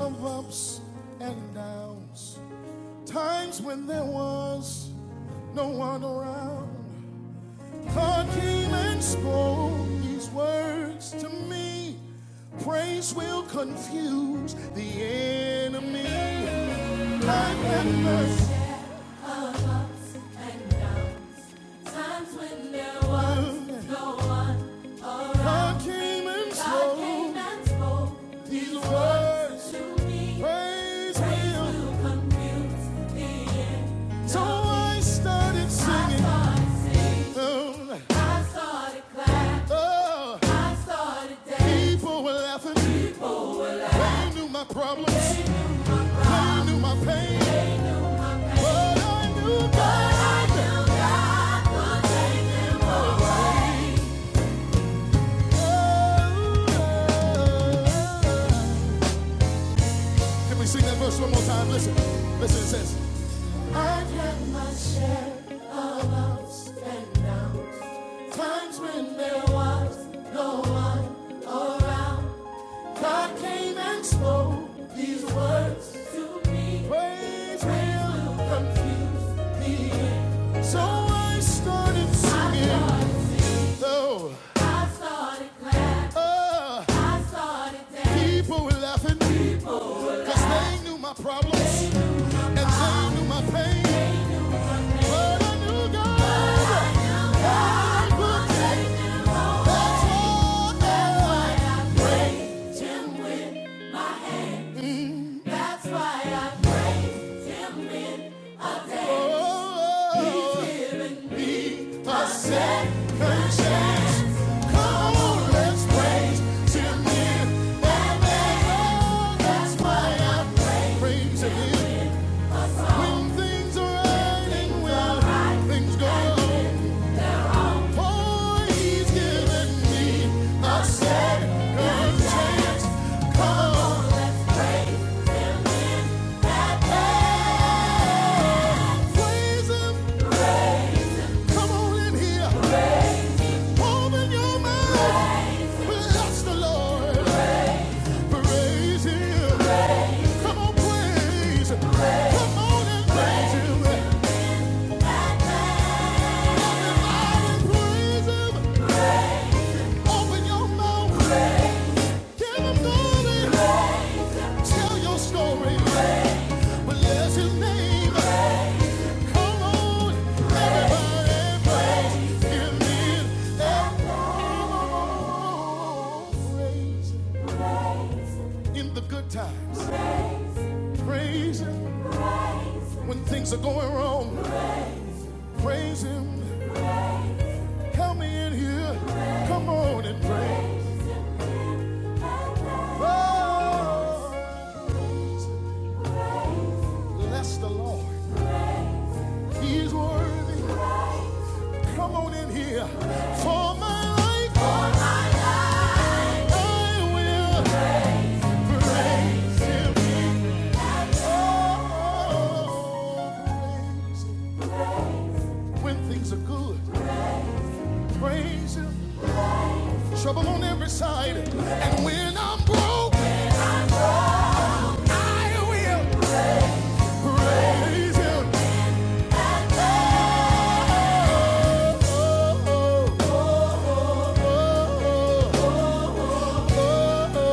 of ups and downs, times when there was no one around. God came and spoke these words to me. Praise will confuse the enemy. Life and mercy. Of ups and downs, Times when there was no one around, God came and spoke came and spoke these words. to me. Praise Praise will confuse the end. So I started I singing. I started singing, Oh, I started clapping, oh, I started dancing. people were laughing. They knew my problems. I knew my pain. But I knew Can we sing that verse one more time? Listen. Listen, it says, I've had my share of ups and downs. Times when there was no one around. God came and spoke these words to me. Praise will confuse the end. So I started singing. I started singing. Oh. I started clapping. Oh. I started dancing. People were laughing because they knew my problems they knew and they knew my pain. But I knew God. But I knew God would take me home. That's why I praise Him with my hands. That's why I praise him in a day. Oh, He's given me a second chance. Come on, let's praise him in a day. Oh, that's why I praise him. When things are right and well, things go Oh, he's given me a second chance. Come on, praise him. Come on in here. Open your mouth. Bless the Lord. Praise Him. Come on, praise. Come on and praise Him. Everybody praise Him. Open your mouth. Give Him Tell your story. Bless His name. Come on, praise Him in Praise Him in the good times. Praise Him When things are going wrong, praise Him. Help me in here. Come on and praise. Oh, bless the Lord. He is worthy. Come on in here. For my life, for my life, I will praise Him. Oh, praise Him. When things are good, praise Him. Trouble on every side, and when I'm broke, I will. Praise Him. Oh, oh, oh, oh, oh, oh, oh.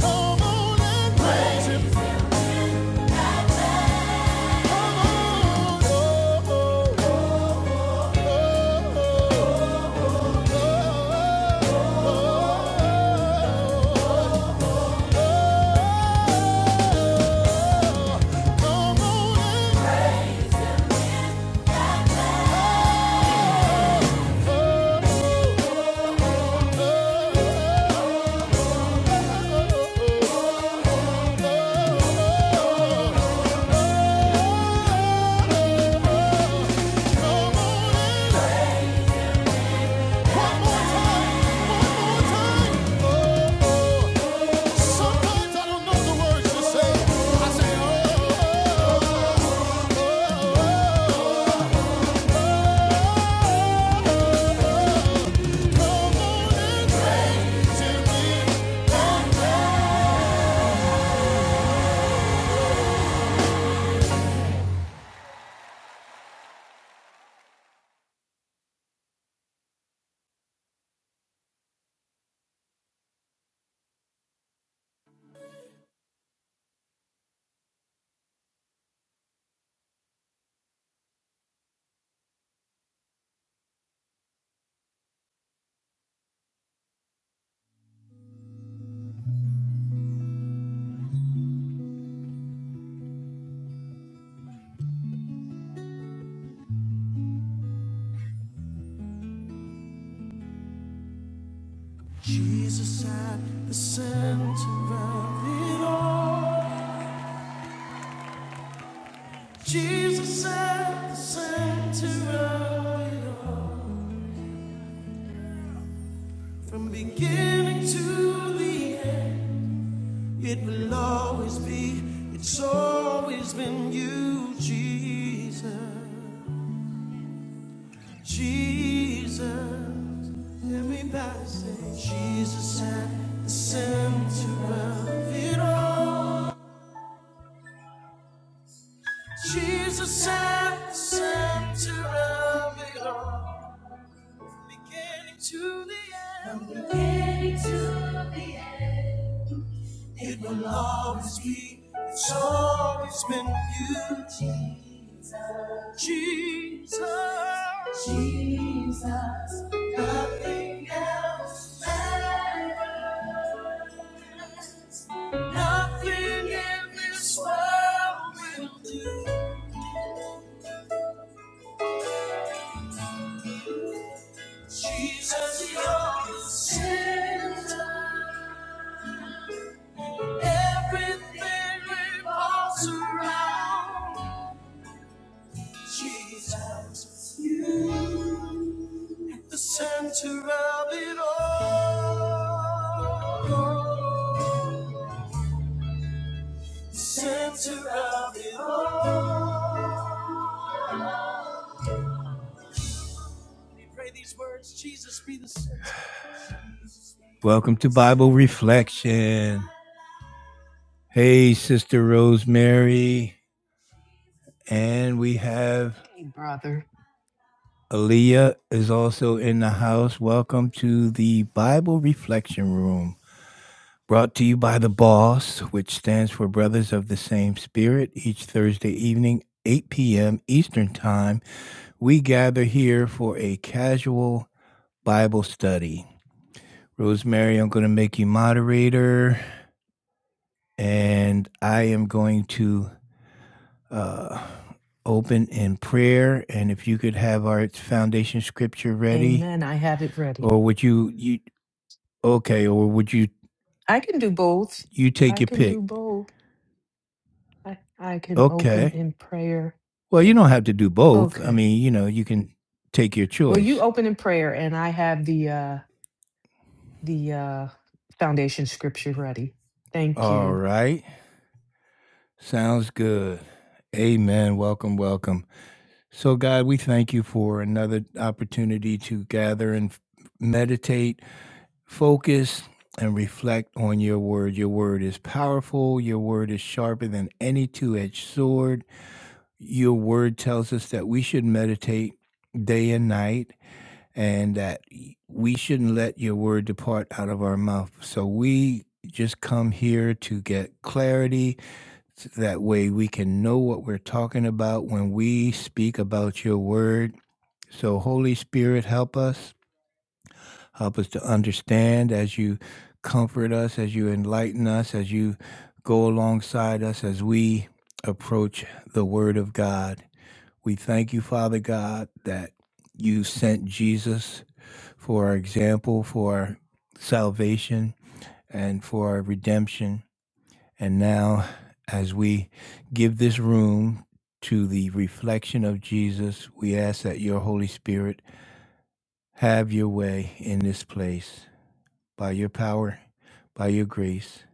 Come on and praise Him. Come on. Oh, oh, oh, oh, oh, oh, oh. Oh, oh, oh, oh, oh. Jesus at the center of it all. Jesus at the center of it all. From beginning to the end, it will always be. It's always been you, Jesus. Jesus. Everybody say, Jesus at the center of it all. Jesus at the center of it all. From beginning to the end. From beginning to the end. It will always be, it's always been you, Jesus. Jesus. Jesus. Nothing else matters. Nothing in this world will do. Jesus, you're the center. Everything revolves around. Jesus, you at the center of it all. The Center of it all. We pray these words, Jesus be the center. Welcome to Bible Reflection. Hey, Sister Rosemary. And we have Hey, brother. Aaliyah is also in the house. Welcome to the Bible Reflection Room. Brought to you by The Boss, which stands for Brothers of the Same Spirit, each Thursday evening, 8 p.m. Eastern Time. We gather here for a casual Bible study. Rosemary, I'm going to make you moderator, and I am going to uh, open in prayer. And if you could have our foundation scripture ready, Amen. I have it ready. or would you, you okay, or would you, I can do both. you take I your can do pick? both. I, I can open Okay. in prayer. Well, you don't have to do both. I Okay. mean, you know, you can take your Well, you choice. open in prayer and I have the uh the uh foundation scripture ready. Thank All you. right. Sounds good. Amen. Welcome, welcome. So, God, we thank you for another opportunity to gather and f- meditate, focus, and reflect on your word. Your word is powerful. Your word is sharper than any two edged sword. Your word tells us that we should meditate day and night and that y- we shouldn't let your word depart out of our mouth. So we just come here to get clarity. So that way we can know what we're talking about when we speak about your word. So, Holy Spirit, help us. Help us to understand as you comfort us, as you enlighten us, as you go alongside us as we approach the word of God. We thank you, Father God, that you sent Jesus for our example, for our salvation and for our redemption. And now, as we give this room to the reflection of Jesus, we ask that your Holy Spirit have your way in this place by your power, by your grace.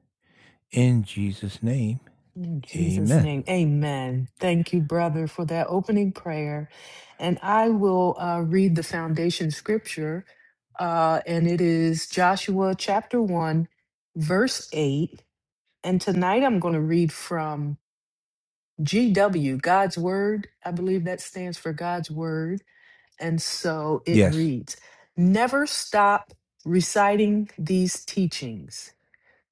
In Jesus' name, In Jesus' amen. name. Amen. Thank you, brother, for that opening prayer. And I will uh read the foundation scripture. Uh and it is Joshua chapter one, verse eight. And tonight I'm going to read from GW, God's Word. I believe that stands for God's Word. And so it Yes, reads Never stop reciting these teachings.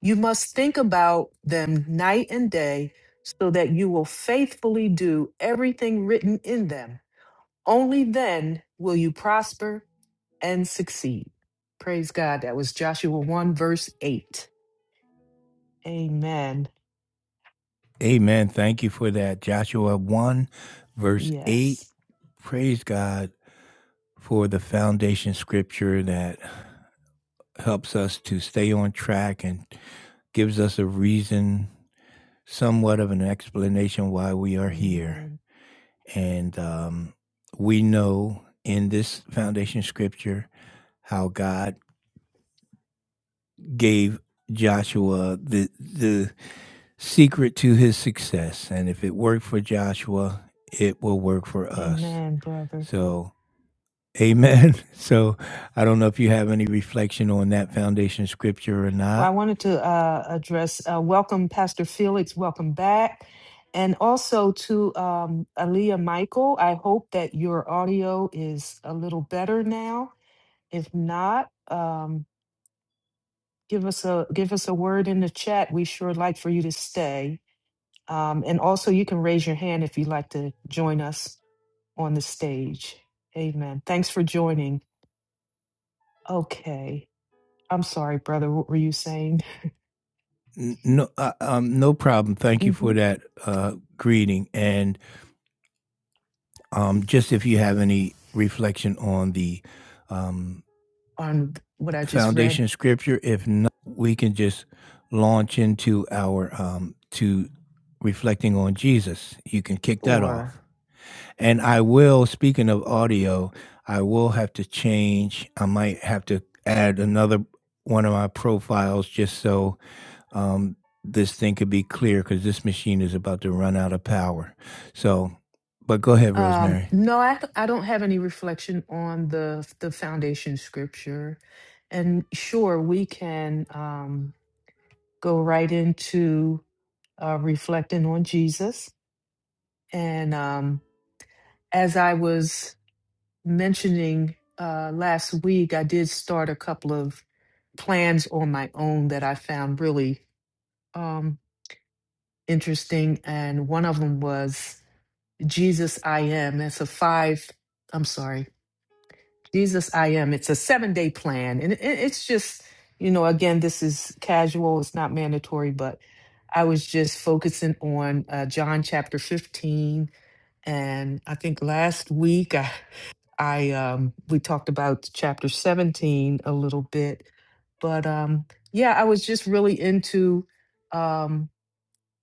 You must think about them night and day so that you will faithfully do everything written in them. Only then will you prosper and succeed. Praise God. That was Joshua 1, verse 8. Amen. amen. Thank you for that. Joshua 1, verse 8. Yes. Praise God for the foundation scripture that helps us to stay on track and gives us a reason, somewhat of an explanation why we are here. Amen. And um, we know in this foundation scripture how God gave Joshua the the secret to his success. And if it worked for Joshua, it will work for us. Amen, brother. So, amen. So, I don't know if you have any reflection on that foundation scripture or Well, I not. wanted to uh, address, uh, welcome Pastor Felix, welcome back. And also to um, Aaliyah Michael, I hope that your audio is a little better now. If not, um, give us a give us a word in the chat. We sure like for you to stay. Um, and also, you can raise your hand if you'd like to join us on the stage. Amen. Thanks for joining. Okay, I'm sorry, brother. What were you saying? N- No, uh, um, no problem. Thank you Mm-hmm. for that uh, greeting. And um, just if you have any reflection on the um, on what I just read, foundation scripture, if not, we can just launch into our um, to reflecting on Jesus. You can kick that off. or And I will, speaking of audio, I will have to change. I might have to add another one of my profiles just so um, this thing could be clear because this machine is about to run out of power. So, but go ahead, um, Rosemary. no, I I don't have any reflection on the the foundation scripture, and sure we can um, go right into uh, reflecting on Jesus. And um, as I was mentioning uh, last week, I did start a couple of plans on my own that I found really um, interesting, and one of them was. Jesus I am. It's a five, I'm sorry, Jesus I am. It's a seven day plan. And it, it's just, you know, again, this is casual, it's not mandatory, but I was just focusing on uh, John chapter 15. And I think last week I, I um, we talked about chapter 17 a little bit, but um, yeah, I was just really into. Um,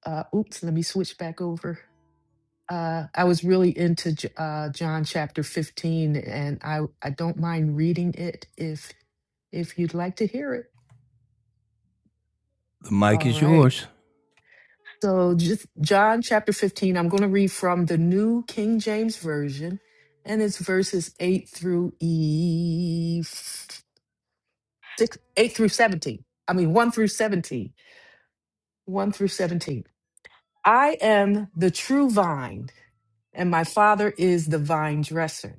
uh, oops, let me switch back over. Uh, I was really into J- uh, John chapter 15, and I, I don't mind reading it if if you'd like to hear it. The mic All is right. yours. So just John chapter 15, I'm going to read from the New King James Version, and it's verses 8 through E 6 8 through 17. I mean 1 through 17. 1 through 17. I am the true vine, and my father is the vine dresser.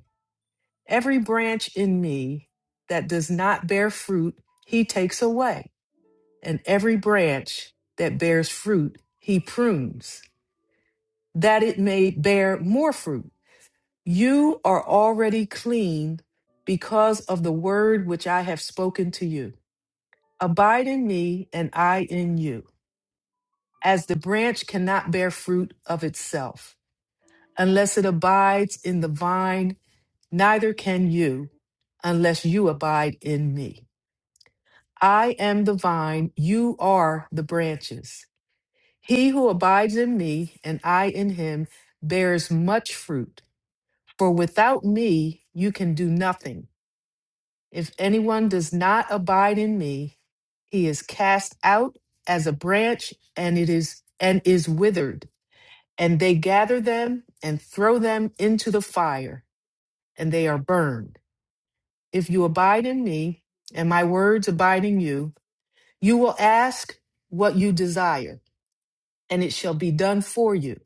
Every branch in me that does not bear fruit, he takes away, and every branch that bears fruit, he prunes, that it may bear more fruit. You are already clean because of the word which I have spoken to you. Abide in me, and I in you. As the branch cannot bear fruit of itself unless it abides in the vine, neither can you unless you abide in me. I am the vine, you are the branches. He who abides in me and I in him bears much fruit, for without me you can do nothing. If anyone does not abide in me, he is cast out as a branch and it is and is withered, and they gather them and throw them into the fire, and they are burned. If you abide in me, and my words abide in you, you will ask what you desire and it shall be done for you.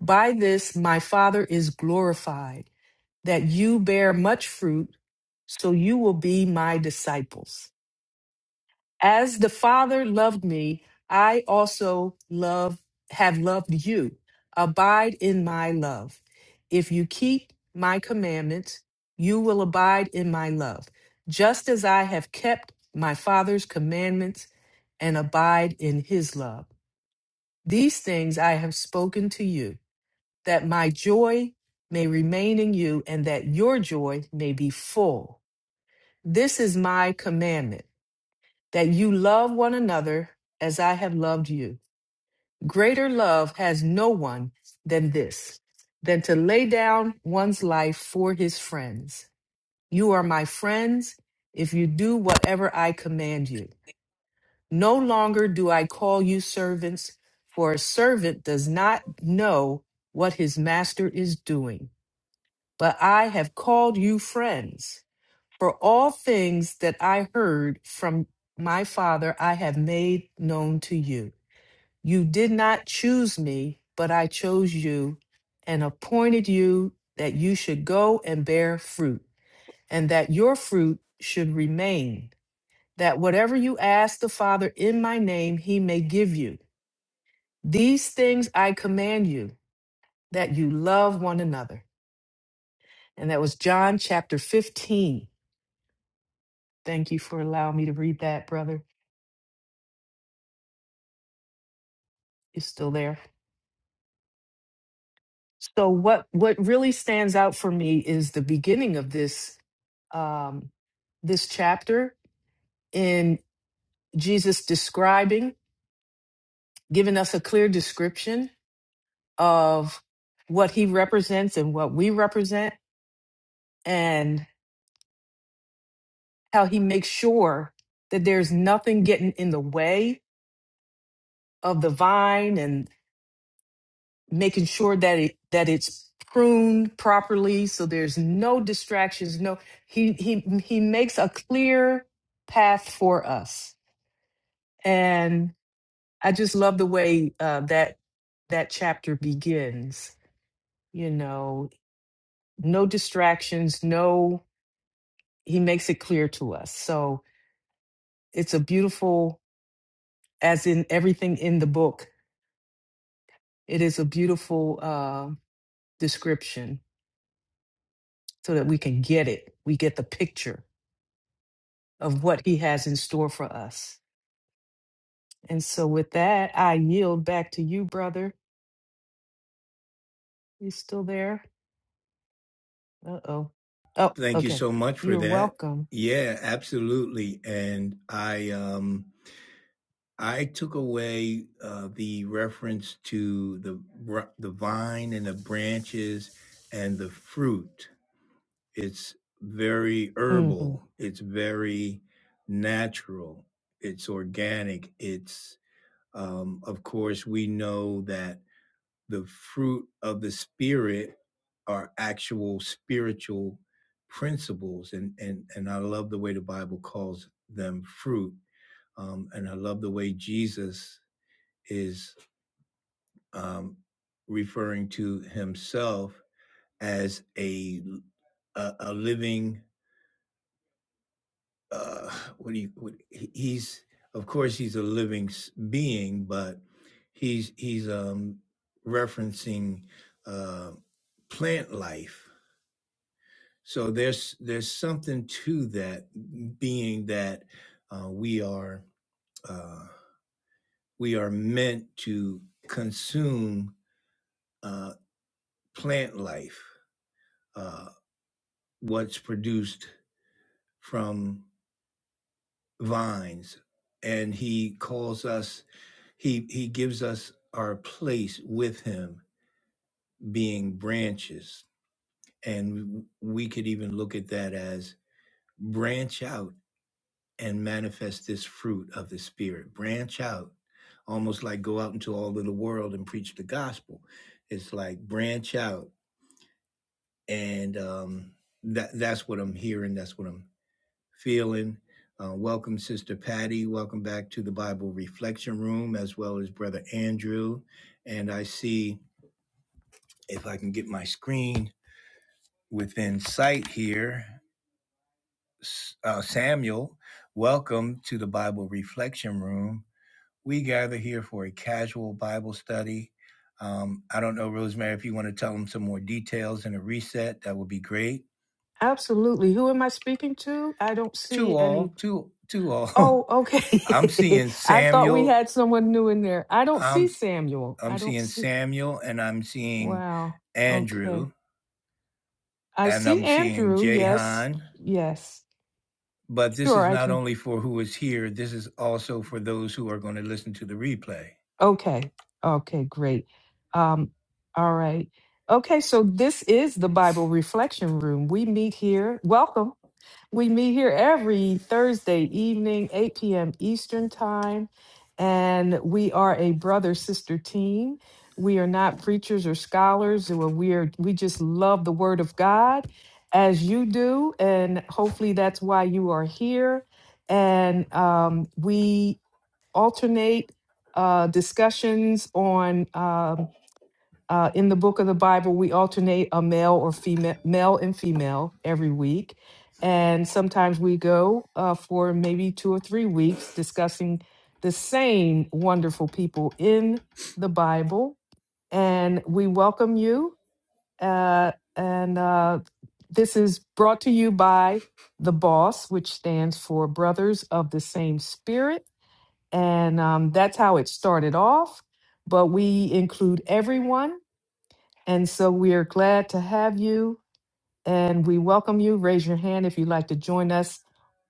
By this my Father is glorified, that you bear much fruit, so you will be my disciples. As the Father loved me, I also love have loved you. Abide in my love. If you keep my commandments, you will abide in my love, just as I have kept my Father's commandments and abide in his love. These things I have spoken to you that my joy may remain in you and that your joy may be full. This is my commandment that you love one another as I have loved you. Greater love has no one than this, than to lay down one's life for his friends. You are my friends if you do whatever I command you. No longer do I call you servants, for a servant does not know what his master is doing but I have called you friends. For all things that I heard from my Father, I have made known to you. You did not choose me, but I chose you and appointed you that you should go and bear fruit, and that your fruit should remain, that whatever you ask the Father in my name, he may give you. These things I command you, that you love one another. And that was John chapter 15. Thank you for allowing me to read that, brother. It's still there. So what what really stands out for me is the beginning of this um, this chapter in Jesus describing, giving us a clear description of what he represents and what we represent, and how he makes sure that there's nothing getting in the way of the vine making sure that it that it's pruned properly so there's no distractions no he he he makes a clear path for us and i just love the way uh, that that chapter begins you know no distractions no he makes it clear to us so it's a beautiful as in everything in the book it is a beautiful uh, description so that we can get it we get the picture of what he has in store for us. And so with that, I yield back to you, brother. You still there? Uh-oh. Oh, Thank you okay. so much for You're that. welcome. Yeah, absolutely. And I um I took away uh the reference to the br- the vine and the branches and the fruit. It's very hmm herbal. It's very natural. It's organic. It's um of course we know that the fruit of the spirit are actual spiritual principles and and and i love the way the bible calls them fruit um and i love the way jesus is um referring to himself as a a, a living uh what do you what, he's of course he's a living being but he's he's um referencing uh plant life So there's there's something to that being that uh, we are uh, we are meant to consume uh, plant life, uh, what's produced from vines, and he calls us he he gives us our place with him being branches, and we could even look at that as branch out and manifest this fruit of the spirit branch out almost like go out into all of the world and preach the gospel it's like branch out and um, that that's what i'm hearing that's what i'm feeling uh, welcome sister patty welcome back to the bible reflection room as well as brother andrew and i see if i can get my screen within sight here uh, samuel welcome to the bible reflection room We gather here for a casual Bible study. Um, I don't know, Rosemary, if you want to tell them some more details in a reset, that would be great. Absolutely. Who am I speaking to? I don't see To any. all, to to all. Oh, I'm okay. seeing I thought we Samuel. had someone new in there. I don't see I'm Samuel. I I'm don't seeing see. Samuel, and I'm seeing Wow. Okay. Andrew, I and see I'm seeing Andrew. Yes. Jahan. Yes. But this Sure, is I not can. only for who is here. This is also for those who are going to listen to the replay. Okay. Okay, great. Um, all right. Okay, so this is the Bible Reflection Room. We meet here. Welcome. We meet here every Thursday evening, 8 p.m. Eastern Time, and we are a brother sister team. We are not preachers or scholars. or We are we just love the Word of God as you do, and hopefully that's why you are here. And um, we alternate uh, discussions on um, uh, in the book of the Bible. We alternate a male or female, male and female every week, and sometimes we go uh, for maybe two or three weeks discussing the same wonderful people in the Bible. And we welcome you. Uh, and uh, this is brought to you by the BOSS, which stands for Brothers of the Same Spirit and um, that's how it started off. But we include everyone. And so we are glad to have you and we welcome you. Raise your hand if you'd like to join us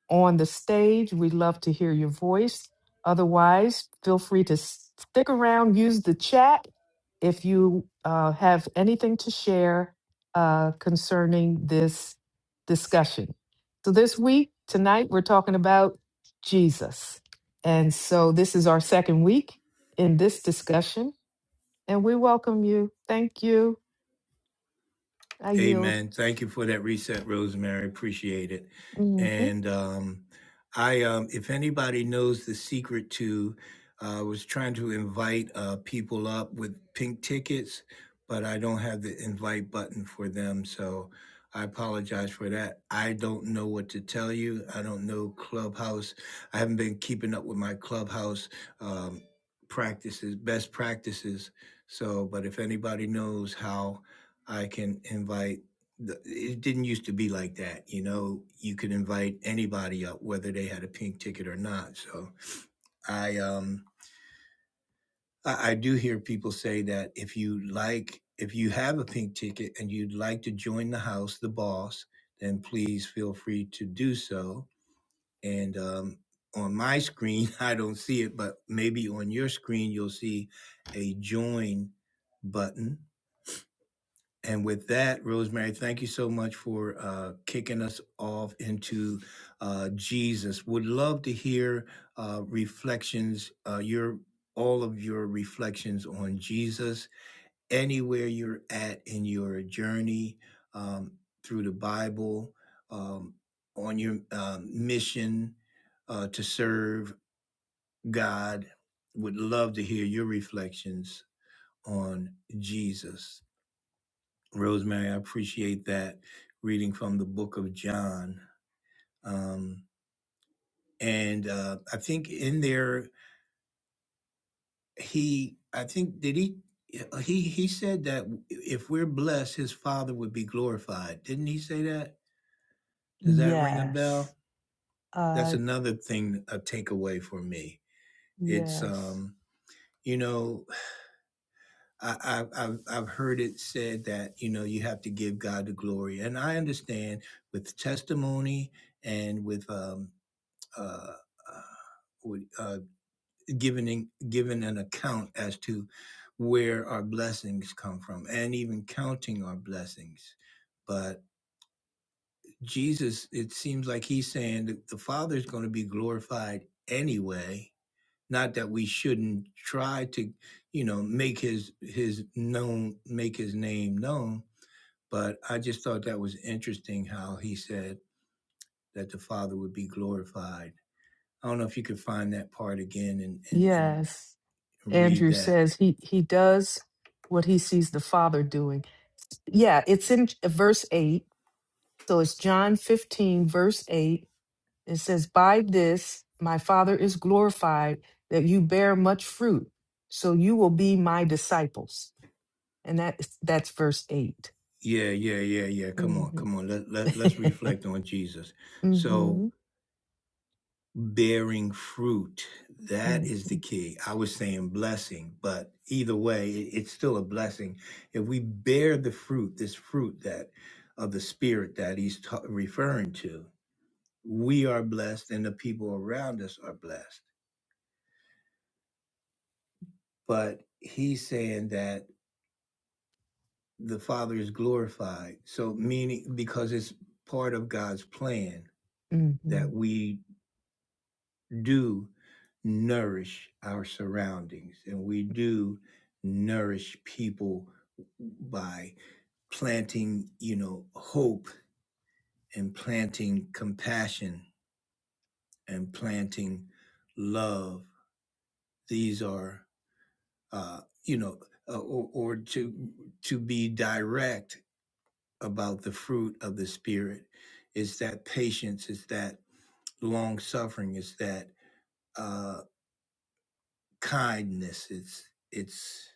on the stage. We'd love to hear your voice. Otherwise, feel free to s- stick around, use the chat if you uh, have anything to share uh, concerning this discussion. So, this week, tonight, we're talking about Jesus. And so, this is our second week in this discussion, and we welcome you. Thank you. I yield. Amen. Thank you for that reset, Rosemary. Appreciate it. hmm And um, I, um, if anybody knows the secret to, uh, I was trying to invite uh, people up with pink tickets, but I don't have the invite button for them. So I apologize for that. I don't know what to tell you. I don't know Clubhouse. I haven't been keeping up with my Clubhouse um, practices, best practices. So, but if anybody knows how, I can invite. The, it didn't used to be like that, you know. You could invite anybody up, whether they had a pink ticket or not. So I, um, I, I do hear people say that if you like, if you have a pink ticket and you'd like to join the house, the boss, then please feel free to do so. And um, on my screen, I don't see it, but maybe on your screen you'll see a join button And with that, Rosemary, thank you so much for uh, kicking us off into uh, Jesus. Would love to hear uh, reflections, uh, your all of your reflections on Jesus, anywhere you're at in your journey um, through the Bible, um, on your um, mission uh, to serve God. Would love to hear your reflections on Jesus. Rosemary, I appreciate that reading from the book of John. Um, and uh, I think in there, he, I think, did he? He he said that if we're blessed, his father would be glorified. Didn't he say that? Does that ring a Yes. bell? That's Uh, another thing a takeaway for me. It's yes, um, you know, I, I I've I've heard it said that you know you have to give God the glory, and I understand with testimony and with um, uh, uh, would, uh, given given an account as to where our blessings come from, and even counting our blessings. But Jesus, it seems like he's saying that the Father's going to be glorified anyway. Not that we shouldn't try to, you know, make his his known, make his name known. But I just thought that was interesting how he said that the Father would be glorified I don't know if you could find that part again and and and yes. read Andrew that. says he he does what he sees the Father doing. Yeah, it's in verse eight. So it's John fifteen, verse eight. It says, "By this my Father is glorified, that you bear much fruit, so you will be my disciples." And that is- that's verse eight. Yeah, yeah, yeah, yeah. Come on, Mm-hmm. come on. Let, let, let's reflect on Jesus. So, hmm bearing fruit, that is the key. I was saying blessing, but either way, it- it's still a blessing. If we bear the fruit, this fruit that of the Spirit that he's ta- referring to, we are blessed and the people around us are blessed. But he's saying that the Father is glorified. So, meaning because it's part of God's plan that we do nourish our surroundings and we do nourish people by planting, you know, hope and planting compassion and planting love. These are, uh, you know, uh, or, or to to be direct about the fruit of the spirit. It's that patience. It's that long suffering. It's that uh, kindness. It's it's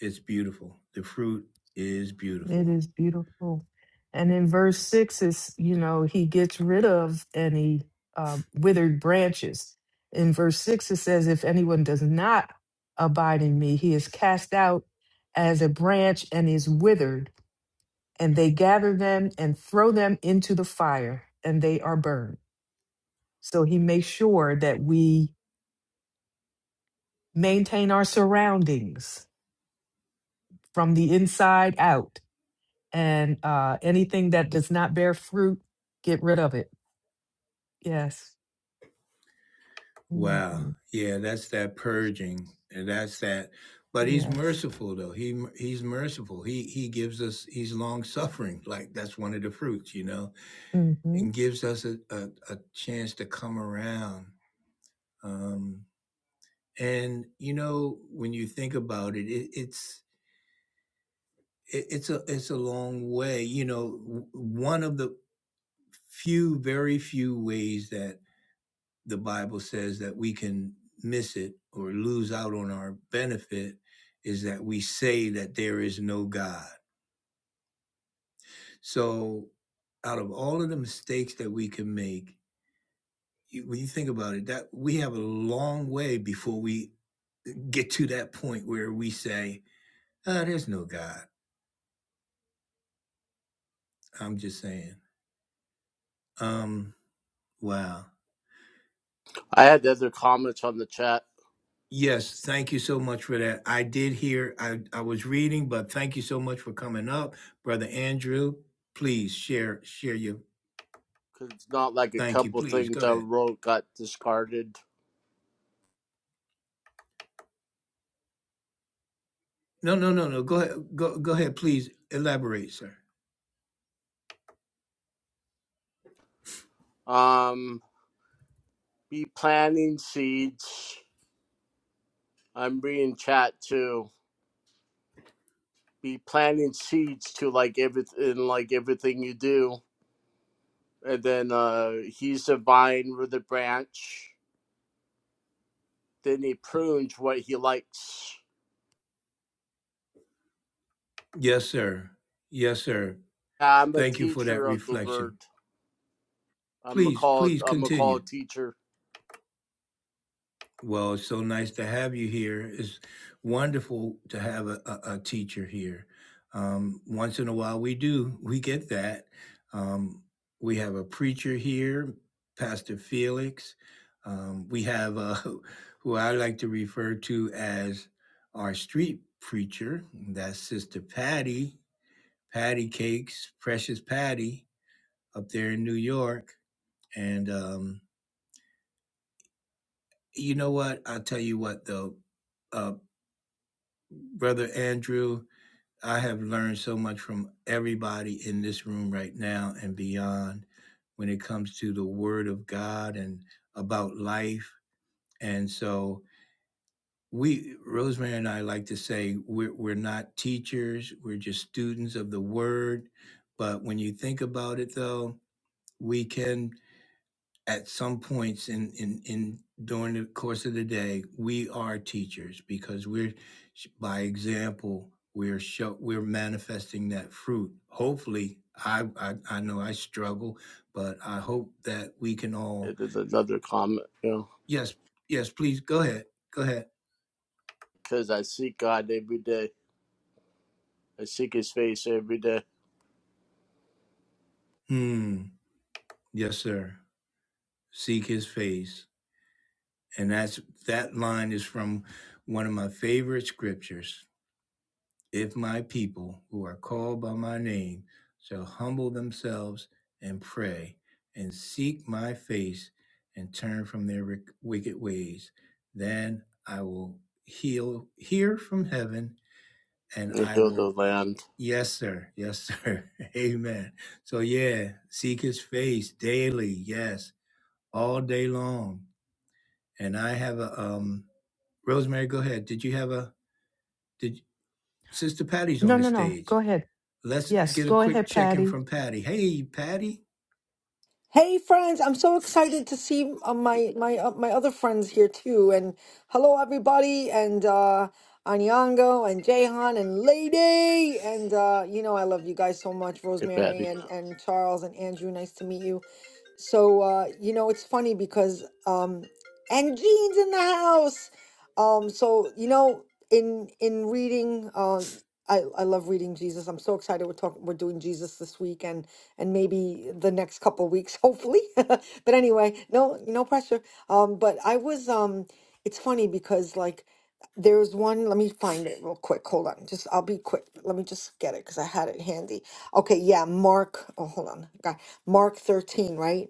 it's beautiful. The fruit is It beautiful. is beautiful. And in verse six is, you know, he gets rid of any uh, withered branches. In verse six, it says, if anyone does not abide in me, he is cast out as a branch and is withered, and they gather them and throw them into the fire, and they are burned. So he makes sure that we maintain our surroundings from the inside out, and uh, anything that does not bear fruit, get rid of it. Yes. hmm Wow. Yeah, that's that purging. And that's that. But he's Yes. merciful though. He he's merciful. He he gives us he's long suffering. Like that's one of the fruits, you know, hmm and gives us a, a, a chance to come around. Um and you know, when you think about it, it it's it, it's a it's a long way. You know, one of the few, very few ways that the Bible says that we can miss it or lose out on our benefit is that we say that there is no God. So, out of all of the mistakes that we can make, when you think about it, that we have a long way before we get to that point where we say, "Ah, "There's no God." I'm just saying. Um, wow I had other comments on the chat Yes, thank you so much for that. I did hear, I, I was reading, but thank you so much for coming up. Brother Andrew, please share, share your because it's not like a thank you, couple please. things Go I ahead. wrote got discarded. No, no, no, no. Go ahead. Go, go ahead, please elaborate, sir. Um, be planting seeds. I'm reading chat too. Be planting seeds to like everything, like everything you do, and then uh, he's a vine with a branch. Then he prunes what he likes. Yes, sir. Yes, sir. Yeah, I'm a Thank you for that teacher of the reflection. word. I'm a Please, call. please I'm a call continue. teacher. Well, it's so nice to have you here. It's wonderful to have a, a, a teacher here. Um, once in a while, we do, we get that. Um, we have a preacher here, Pastor Felix. Um, we have uh who I like to refer to as our street preacher. That's Sister Patty, Patty Cakes, Precious Patty up there in New York. And um, you know what? I'll tell you what, though. Uh, Brother Andrew, I have learned so much from everybody in this room right now and beyond when it comes to the Word of God and about life. And so, we, Rosemary and I, like to say we're, we're not teachers, we're just students of the Word. But when you think about it, though, we can at some points in, in, in during the course of the day, we are teachers because we're by example, we're show, we're manifesting that fruit. Hopefully, I, I I know I struggle, but I hope that we can all. It is another comment, you know, Yes, yes, please go ahead, go ahead. because I seek God every day. I seek his face every day Hmm. Yes, sir. Seek His face, and that's that line is from one of my favorite scriptures If my people who are called by my name shall humble themselves and pray and seek my face and turn from their wick- wicked ways, then I will heal, hear from heaven and and I heal the will, land. yes, sir, yes, sir, amen. So, yeah, seek his face daily, yes, all day long. And I have a, um, Rosemary, go ahead. Did you have a, did Sister Patty's No, on the no, no. stage? Go ahead. Let's Yes. get a Go quick ahead, check in Patty. from Patty. Hey, Patty. Hey friends, I'm so excited to see uh, my my uh, my other friends here too. And hello everybody, and uh, Anyango and Jahan and Lady, and uh, you know I love you guys so much, Hey, Rosemary Patty. and and Charles and Andrew. Nice to meet you. So uh, you know it's funny because um, and Jean's in the house. Um, so you know in in reading, uh, I I love reading Jesus. I'm so excited we're talking we're doing Jesus this week and and maybe the next couple weeks, hopefully. But anyway, no, no pressure. Um, but I was, um, it's funny because like there's one, let me find it real quick. Hold on. Just, I'll be quick. Let me just get it because I had it handy. Okay. Yeah. Mark, oh, hold on. Got Mark 13, right?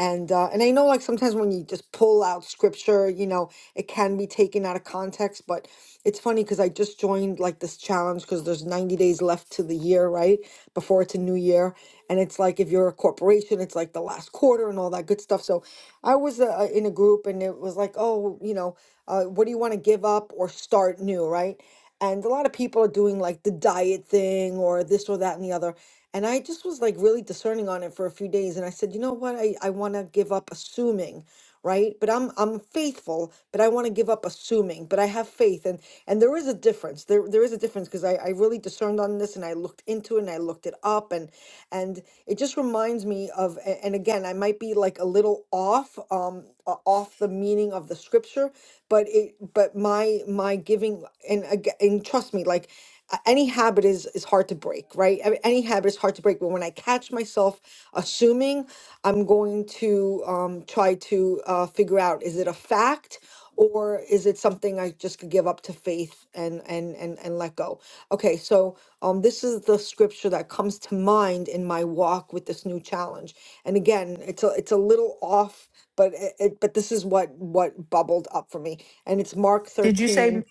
and uh, and I know like sometimes when you just pull out scripture, you know, it can be taken out of context. But it's funny because I just joined like this challenge because there's 90 days left to the year, right? Before it's a new year, and it's like if you're a corporation, it's like the last quarter and all that good stuff. So I was uh, uh, in a group and it was like, oh, you know, uh, what do you want to give up or start new, right? And a lot of people are doing like the diet thing or this or that and the other. And I just was like really discerning on it for a few days. And I said, you know what? I, I want to give up assuming, right? But I'm I'm faithful, but I want to give up assuming, but I have faith. And and there is a difference. There there is a difference because I, I really discerned on this and I looked into it and I looked it up and and it just reminds me of a- and again, I might be like like a little off, um, o- off the meaning of the scripture. But it, but my my giving and aga- and trust me, like a- any habit is is hard to break, right? I mean, Any habit is hard to break. But when I catch myself assuming, I'm going to um, try to uh, figure out is it a fact or is it something I just could give up to faith and and and and let go? Okay, so um, this is the scripture that comes to mind in my walk with this new challenge and again it's a it's a little off but it, it but this is what what bubbled up for me and it's mark Did you say 13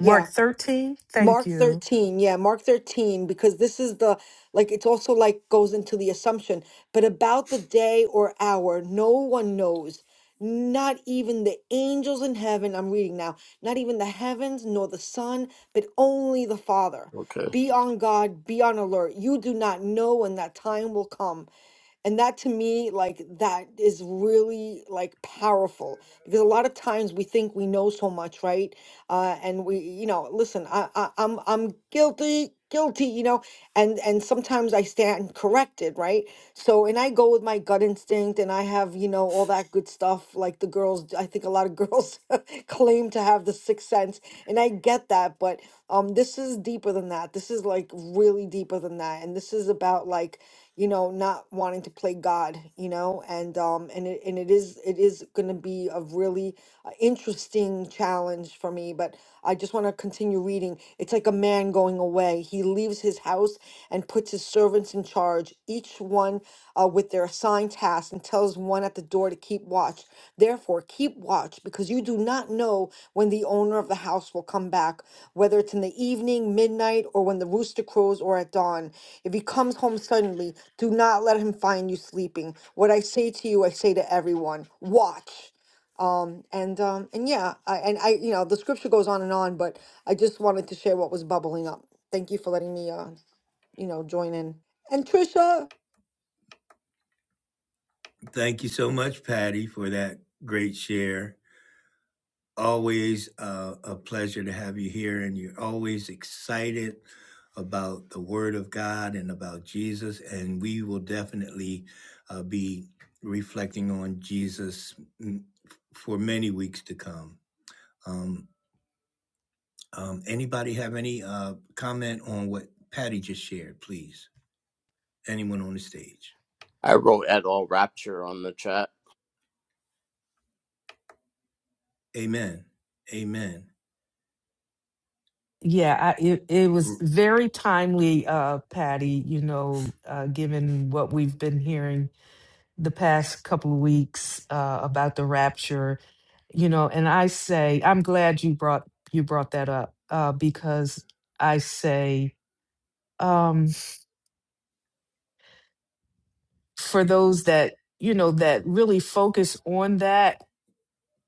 Mark 13? Thank mark you. 13 yeah mark 13 because this is the like it's also like goes into the assumption but about the day or hour no one knows not even the angels in heaven i'm reading now not even the heavens nor the sun but only the father Okay. be on guard be on alert you do not know when that time will come and that to me, like, that is really like powerful because a lot of times we think we know so much, right? Uh, and we, you know, listen, I, I, I'm, I'm guilty, guilty, you know, and, and sometimes I stand corrected, right? So, and I go with my gut instinct and I have, you know, all that good stuff. Like the girls, I think a lot of girls claim to have the sixth sense, and I get that, but um this is deeper than that this is like really deeper than that and this is about like you know not wanting to play god you know and um and it, and it is it is going to be a really uh, interesting challenge for me but i just want to continue reading it's like a man going away he leaves his house and puts his servants in charge each one uh, with their assigned task and tells one at the door to keep watch. Therefore, keep watch because you do not know when the owner of the house will come back, whether it's in the evening, midnight, or when the rooster crows or at dawn. If he comes home suddenly, do not let him find you sleeping. What I say to you, I say to everyone watch um and um and yeah I, and i you know the scripture goes on and on but i just wanted to share what was bubbling up thank you for letting me uh you know join in and trisha Thank you so much, Patty, for that great share. Always uh, a pleasure to have you here, and you're always excited about the Word of God and about Jesus. And we will definitely uh, be reflecting on Jesus mm, for many weeks to come. Um, um, anybody have any uh, comment on what Patty just shared, please? Anyone on the stage? I wrote at all rapture on the chat. Amen. Amen. Yeah, I, it, it was R- very timely, uh, Patty, you know, uh, given what we've been hearing the past couple of weeks uh, about the rapture, you know, and I say I'm glad you brought you brought that up uh, because I say, um, for those that you know that really focus on that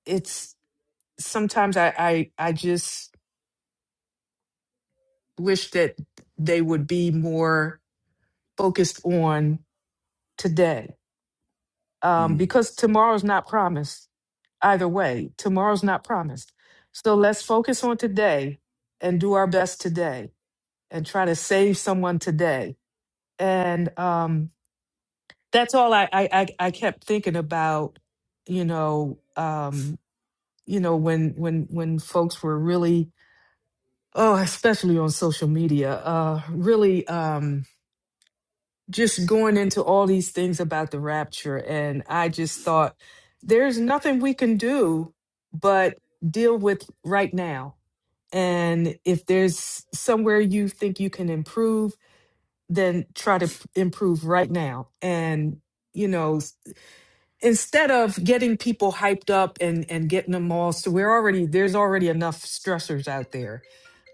it's sometimes i i, I just wish that they would be more focused on today um, mm. because tomorrow's not promised either way tomorrow's not promised so let's focus on today and do our best today and try to save someone today and um, that's all I, I i I kept thinking about you know um, you know when when when folks were really oh especially on social media uh really um just going into all these things about the rapture and i just thought there's nothing we can do but deal with right now and if there's somewhere you think you can improve then try to p- improve right now and you know instead of getting people hyped up and and getting them all so we're already there's already enough stressors out there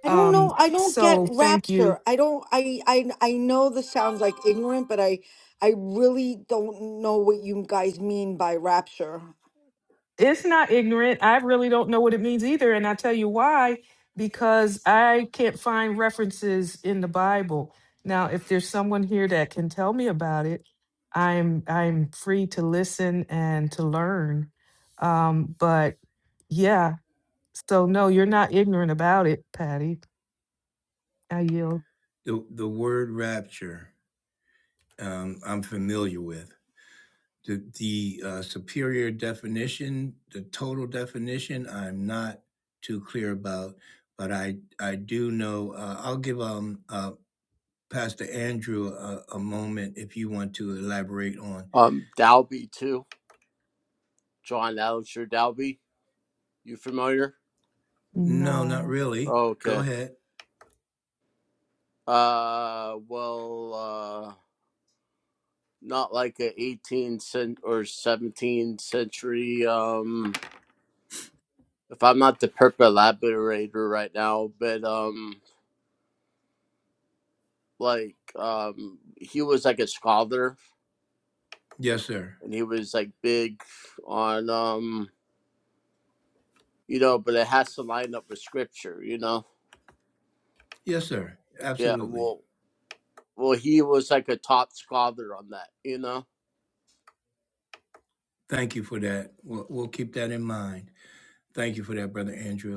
I don't um know. I don't get so thank you rapture. I don't. I. I. I know this sounds like ignorant, but I. I really don't know what you guys mean by rapture. it's not ignorant i really don't know what it means either and i tell you why because i can't find references in the bible now if there's someone here that can tell me about it i'm i'm free to listen and to learn um but yeah so no you're not ignorant about it patty i yield The the word rapture um, I'm familiar with. The the uh, superior definition, the total definition, I'm not too clear about, but I I do know. Uh, I'll give um uh, Pastor Andrew a, a moment if you want to elaborate on. Um, Dalby too. John Alistair Dalby. You familiar? No, not No. really. Go Okay. ahead. Uh, well, uh, not like a 18th cent- or 17th century. Um, if I'm not the purple laborator right now, but um, like um, he was like a scholar Yes, sir. and he was like big on um you know, but it has to line up with scripture, you know. Yes, sir. Yeah, Absolutely. well, well, he was like a top scholar on that, you know, Thank you for that. We'll, we'll keep that in mind. Thank you for that, Brother Andrew.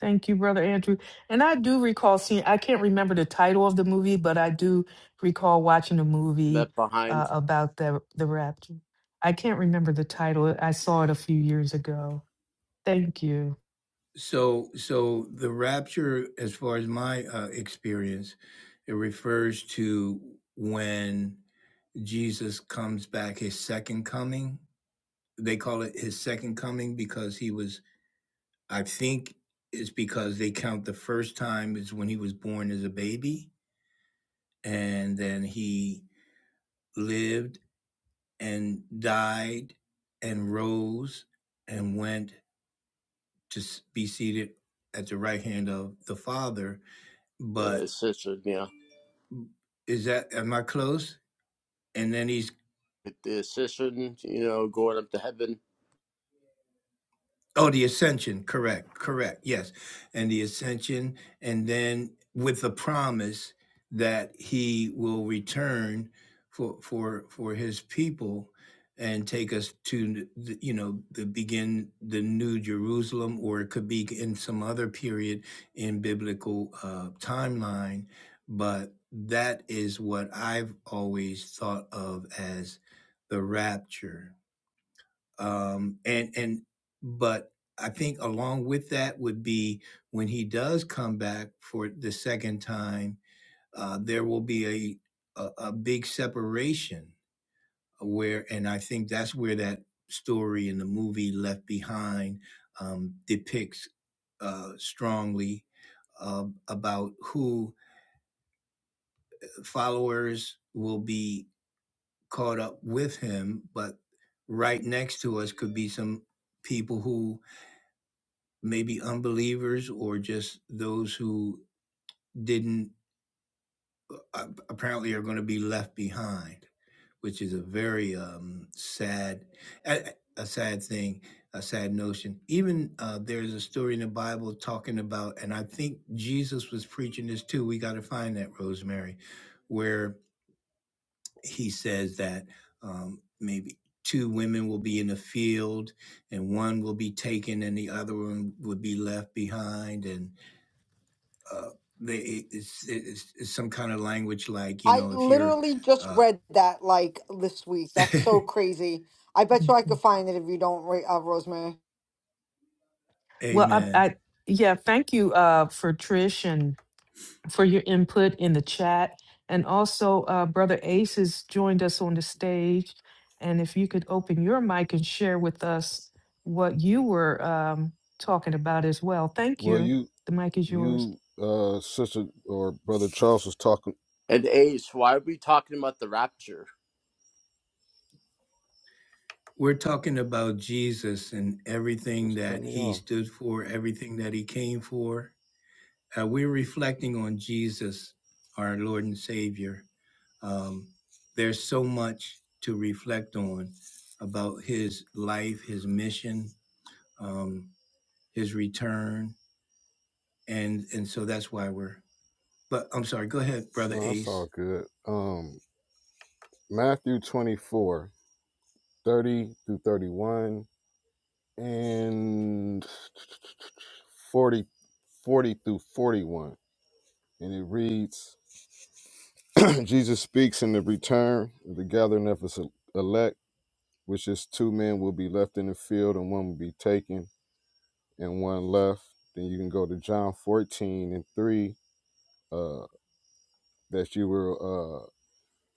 Thank you, Brother Andrew. And I do recall seeing, I can't remember the title of the movie, but I do recall watching a movie left uh, behind about the, the rapture. I can't remember the title. I saw it a few years ago. Thank you. So, so the rapture, as far as my uh, experience, it refers to when Jesus comes back, his second coming. They call it his second coming because he was, I think it's because they count the first time is when he was born as a baby, and then he lived and died and rose and went to s- be seated at the right hand of the Father. the But ascension, you know, Is that am I close? And then he's the ascension, you know, going up to heaven. oh the ascension, correct, correct, yes, and the ascension, and then with the promise that he will return for for for his people and take us to the, you know the begin the new Jerusalem, or it could be in some other period in biblical uh, timeline, but that is what I've always thought of as the rapture um, and and but I think along with that would be when he does come back for the second time, uh, there will be a, a a big separation where, and I think that's where that story in the movie Left Behind um, depicts uh, strongly uh, about who followers will be caught up with him, but right next to us could be some people who maybe unbelievers or just those who didn't uh, apparently are going to be left behind, which is a very um, sad, a, a sad thing, a sad notion. Even uh, there's a story in the Bible talking about, and I think Jesus was preaching this too. We got to find that Rosemary, where he says that um, maybe two women will be in the field and one will be taken and the other one would be left behind and. uh, they it's, it's, it's some kind of language like you I know if you're literally just uh, read that like this week. That's so crazy. I bet you I could Mhm. find it if you don't, Ra- uh, Rosemary. Well, I, amen I yeah, thank you uh, for Trish for your input in the chat. And also, uh, Brother Ace has joined us on the stage. And if you could open your mic and share with us what you were um, talking about as well. Thank Well, you. you The mic is yours. you uh sister or brother Charles was talking. And Ace, why are we talking about the rapture? we're talking about jesus and you everything Just cut that me he off. stood for everything that he came for uh, we're reflecting on jesus our lord and savior um, there's so much to reflect on about his life his mission um, his return and and so that's why we're but i'm sorry go ahead brother No, that's ace all good. Um, Matthew 24 30 through 31 and 40, 40 through 41. And it reads, Jesus speaks in the return, of the gathering of his elect, which is two men will be left in the field and one will be taken and one left. Then you can go to John 14 and 3. uh. that you will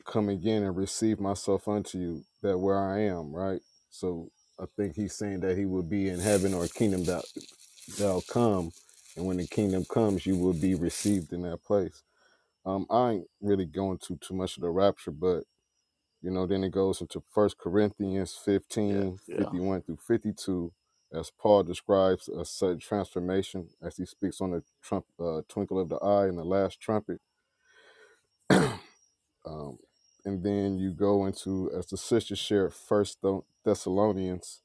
uh, come again and receive myself unto you, that where I am, right? So I think he's saying that he will be in heaven or kingdom that thou come, and when the kingdom comes, you will be received in that place. Um, I ain't really going to too much of the rapture, but you know, then it goes into First Corinthians Yeah, fifteen yeah. 51 through 52, as Paul describes a sudden transformation as he speaks on the trump, uh, twinkle of the eye and the last trumpet Um, and then you go into, as the sister shared, First Thessalonians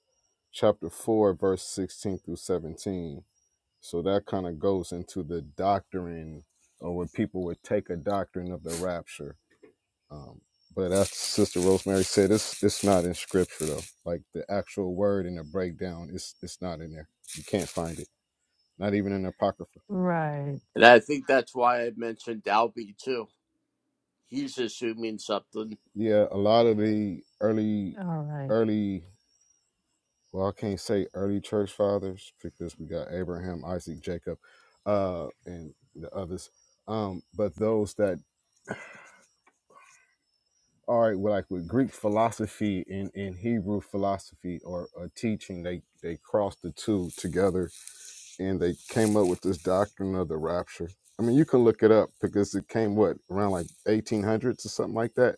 chapter four, verse sixteen through seventeen. So that kind of goes into the doctrine, or what people would take a doctrine of the rapture. Um, but as Sister Rosemary said, it's it's not in Scripture though. Like the actual word and the breakdown, it's it's not in there. You can't find it. Not even in the Apocrypha. Right. And I think that's why I mentioned Dalby too. He's assuming something. Yeah, a lot of the early All right. early Well, I can't say early church fathers because we got Abraham, Isaac, Jacob, uh, and the others. Um, but those that all right, well, like with Greek philosophy and, and Hebrew philosophy or, or teaching, they they crossed the two together and they came up with this doctrine of the rapture. I mean, you can look it up because it came what around like 1800s or something like that.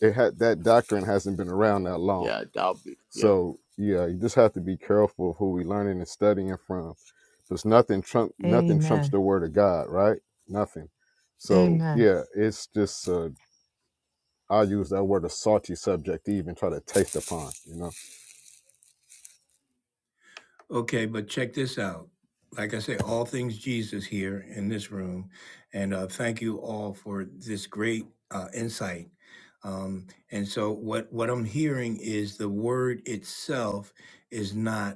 It had that doctrine hasn't been around that long Yeah, Dalby. Yeah. So yeah, you just have to be careful of who we learning and studying from. Because nothing trump nothing trumps Amen. the word of God, right? Nothing. So Amen. yeah, it's just uh, I use that word a salty subject to even try to taste upon, you know. Okay, but check this out. Like I say, all things Jesus here in this room. And uh, thank you all for this great uh, insight. Um, and so, what, what I'm hearing is the word itself is not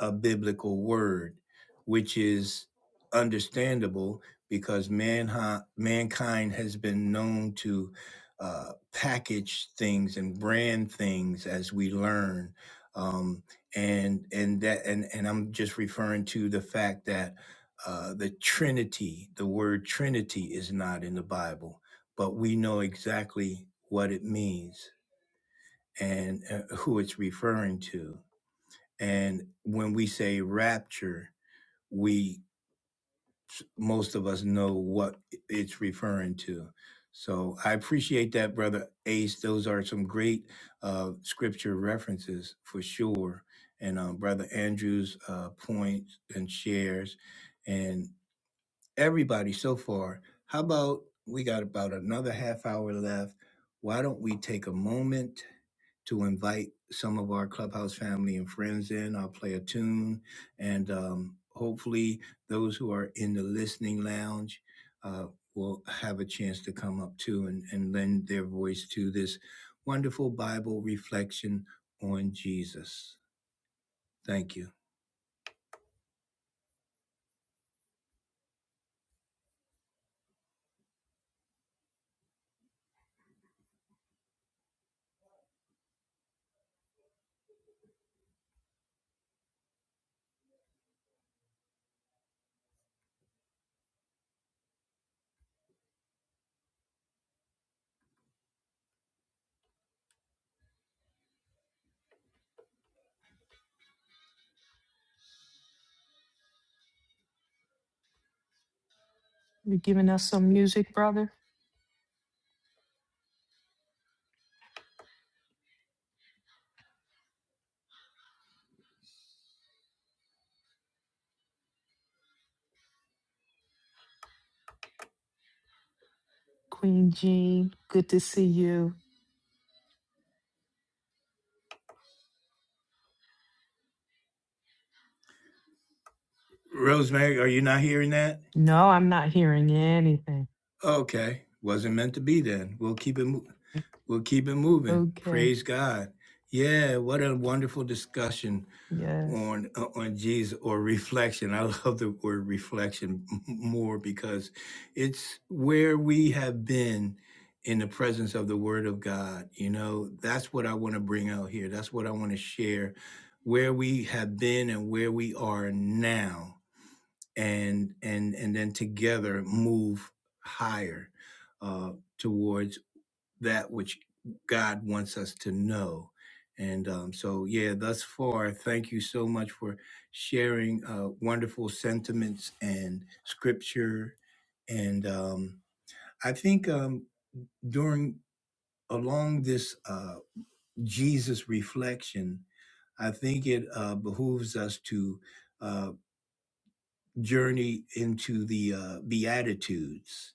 a biblical word, which is understandable because man mankind has been known to uh, package things and brand things as we learn. Um, and and that and and I'm just referring to the fact that uh, the Trinity, the word Trinity, is not in the Bible, but we know exactly what it means and uh, who it's referring to and when we say rapture, we most of us know what it's referring to. So I appreciate that, brother Ace. Those are some great uh, scripture references for sure. And um, brother Andrews' uh, points and shares, everybody so far. How about we got about another half hour left? Why don't we take a moment to invite some of our clubhouse family and friends in? I'll play a tune, and um, hopefully, those who are in the listening lounge uh, will have a chance to come up too and, and lend their voice to this wonderful Bible reflection on Jesus. Thank you. you giving us some music, brother. Queen Jean, good to see you. Rosemary, are you not hearing that? No, I'm not hearing anything. Okay. Wasn't meant to be then. We'll keep it moving. We'll keep it moving. Okay. Praise God. Yeah, what a wonderful discussion Yes. on uh, on Jesus or reflection. I love the word reflection more because it's where we have been in the presence of the word of God. You know, that's what I want to bring out here. That's what I want to share where we have been and where we are now and and and then together move higher uh towards that which God wants us to know. And um, so, yeah, thus far, thank you so much for sharing uh, wonderful sentiments and scripture. And um, I think um, during along this uh, Jesus reflection, I think it uh, behooves us to uh, journey into the uh, Beatitudes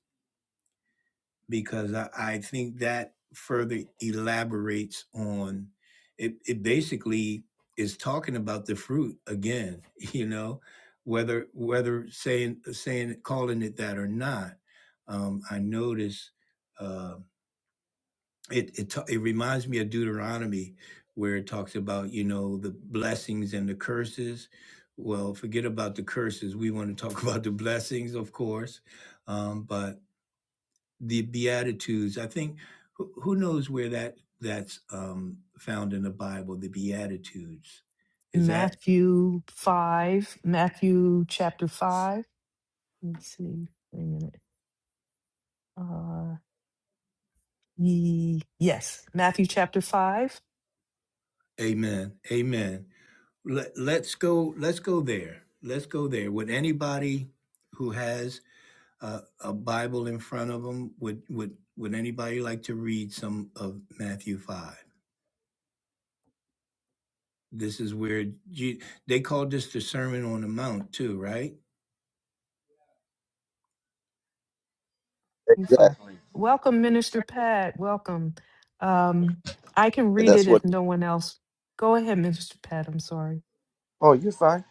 because I, I think that further elaborates on it. It basically is talking about the fruit again, you know, whether whether saying saying calling it that or not. Um, I notice uh, it it ta- it reminds me of Deuteronomy where it talks about you know the blessings and the curses. Well, forget about the curses. We want to talk about the blessings, of course, um, but the beatitudes i think who, who knows where that that's um found in the bible the beatitudes is that Matthew 5, Matthew chapter 5. Let me see. Wait a minute. Uh, ye, yes, Matthew chapter 5. amen amen Let, let's go let's go there let's go there would anybody who has a, a bible in front of them would would would anybody like to read some of matthew 5 this is where Je- they called this the sermon on the mount too right Matthew 5. Exactly. Welcome, Minister Pat. Welcome. Um, I can Yeah, read it that's what. if no one else. Go ahead, Minister Pat. I'm sorry. Oh, you're fine.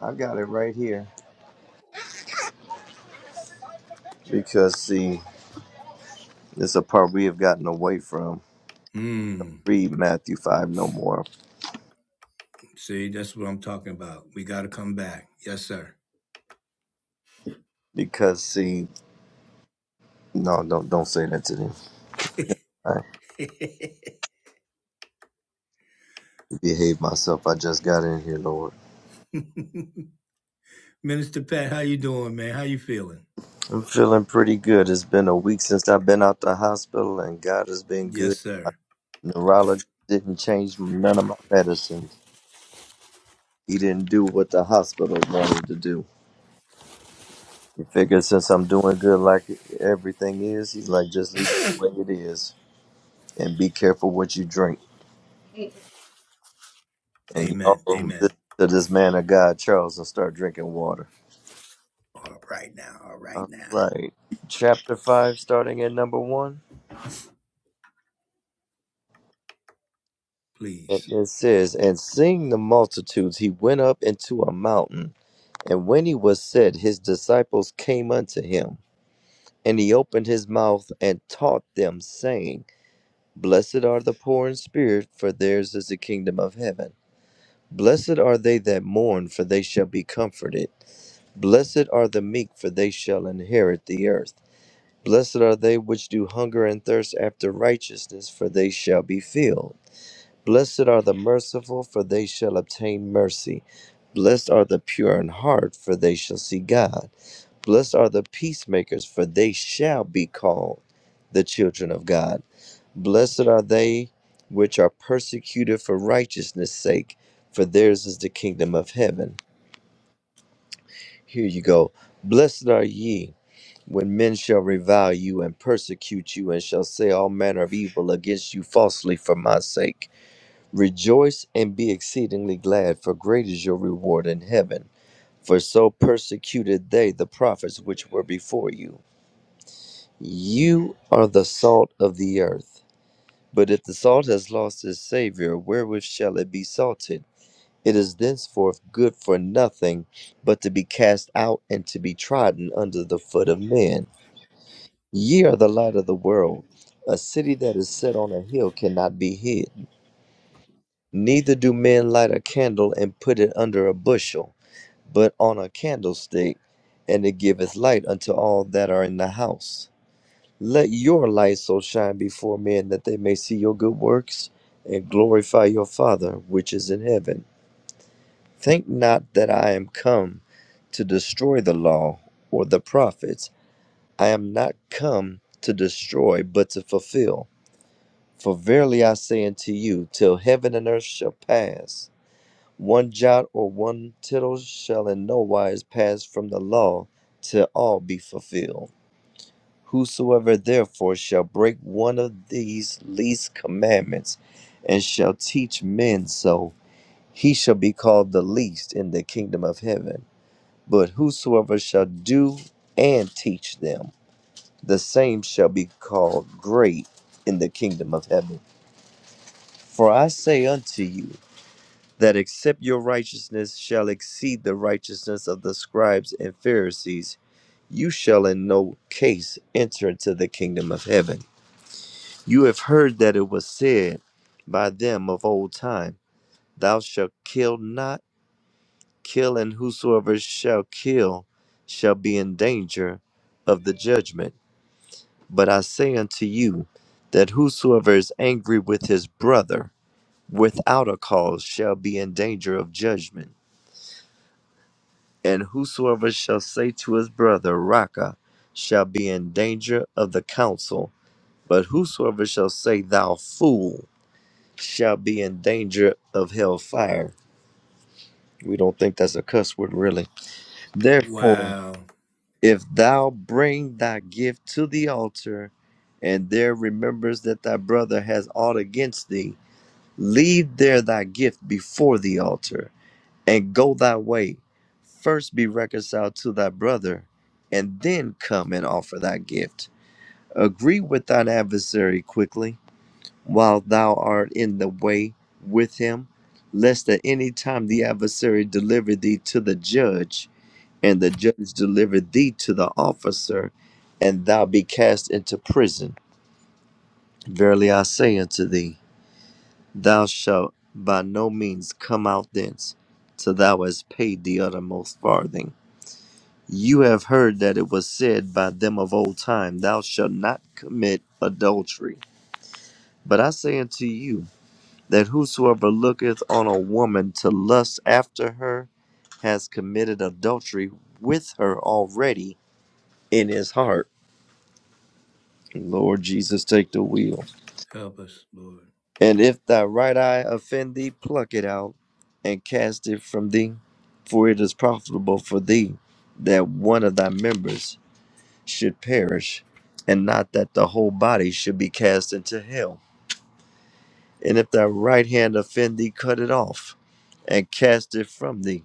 I got it right here. Because see, it's a part we have gotten away from. mm, Read Matthew five no more. see that's what i'm talking about we got to come back yes sir Because see, no, don't don't say that to them. I behave myself. I just got in here, Lord. Minister Pat, how you doing, man? How you feeling? I'm feeling pretty good. It's been a week since I've been out the hospital, and God has been Yes, good. My sir. neurologist didn't change none of my medicines. He didn't do what the hospital wanted to do. He figured since I'm doing good like everything is, he's like, just leave it the way it is and be careful what you drink. And Amen. y'all Amen. listen to this man of God, Charles, and start drinking water. All right now. All right All now. right. Chapter 5, starting at number 1. It Please. it says, And seeing the multitudes, he went up into a mountain. And when he was set, his disciples came unto him. And he opened his mouth and taught them, saying, Blessed are the poor in spirit, for theirs is the kingdom of heaven. Blessed are they that mourn, for they shall be comforted. Blessed are the meek, for they shall inherit the earth. Blessed are they which do hunger and thirst after righteousness, for they shall be filled. Blessed are the merciful, for they shall obtain mercy. Blessed are the pure in heart, for they shall see God. Blessed are the peacemakers, for they shall be called the children of God. Blessed are they which are persecuted for righteousness' sake, for theirs is the kingdom of heaven. Here you go. Blessed are ye when men shall revile you and persecute you, and shall say all manner of evil against you falsely for my sake. Rejoice and be exceedingly glad, for great is your reward in heaven. For so persecuted they the prophets which were before you. Mm. You are the salt of the earth. But if the salt has lost its savor, wherewith shall it be salted? It is thenceforth good for nothing but to be cast out and to be trodden under the foot of men. Ye are the light of the world. A city that is set on a hill cannot be hid. Neither do men light a candle and put it under a bushel, but on a candlestick, and it giveth light unto all that are in the house. Let your light so shine before men that they may see your good works and glorify your Father which is in heaven. Think not that I am come to destroy the law or the prophets. I am not come to destroy, but to fulfill. For verily I say unto you, till heaven and earth shall pass, one jot or one tittle shall in no wise pass from the law till all be fulfilled. Whosoever therefore shall break one of these least commandments and shall teach men so, he shall be called the least in the kingdom of heaven. But whosoever shall do and teach them, the same shall be called great in the kingdom of heaven. For I say unto you, that except your righteousness shall exceed the righteousness of the scribes and Pharisees, you shall in no case enter into the kingdom of heaven. You have heard that it was said by them of old time, Thou shalt kill not, kill, and whosoever shall kill shall be in danger of the judgment. But I say unto you, that whosoever is angry with his brother without a cause shall be in danger of judgment. And whosoever shall say to his brother, Raca, shall be in danger of the council. But whosoever shall say, Thou fool, shall be in danger of hell fire. We don't think that's a cuss word, really. Therefore, Wow. if thou bring thy gift to the altar, and there remembers that thy brother has aught against thee, leave there thy gift before the altar, and go thy way. First be reconciled to thy brother, and then come and offer thy gift. Agree with thine adversary quickly while thou art in the way with him, lest at any time the adversary deliver thee to the judge, and the judge deliver thee to the officer, and thou be cast into prison. Verily I say unto thee, thou shalt by no means come out thence, till thou hast paid the uttermost farthing. You have heard that it was said by them of old time, Thou shalt not commit adultery. But I say unto you, that whosoever looketh on a woman to lust after her has committed adultery with her already in his heart. Lord Jesus, take the wheel. Help us, Lord. And if thy right eye offend thee, pluck it out and cast it from thee, for it is profitable for thee that one of thy members should perish, and not that the whole body should be cast into hell. And if thy right hand offend thee, cut it off and cast it from thee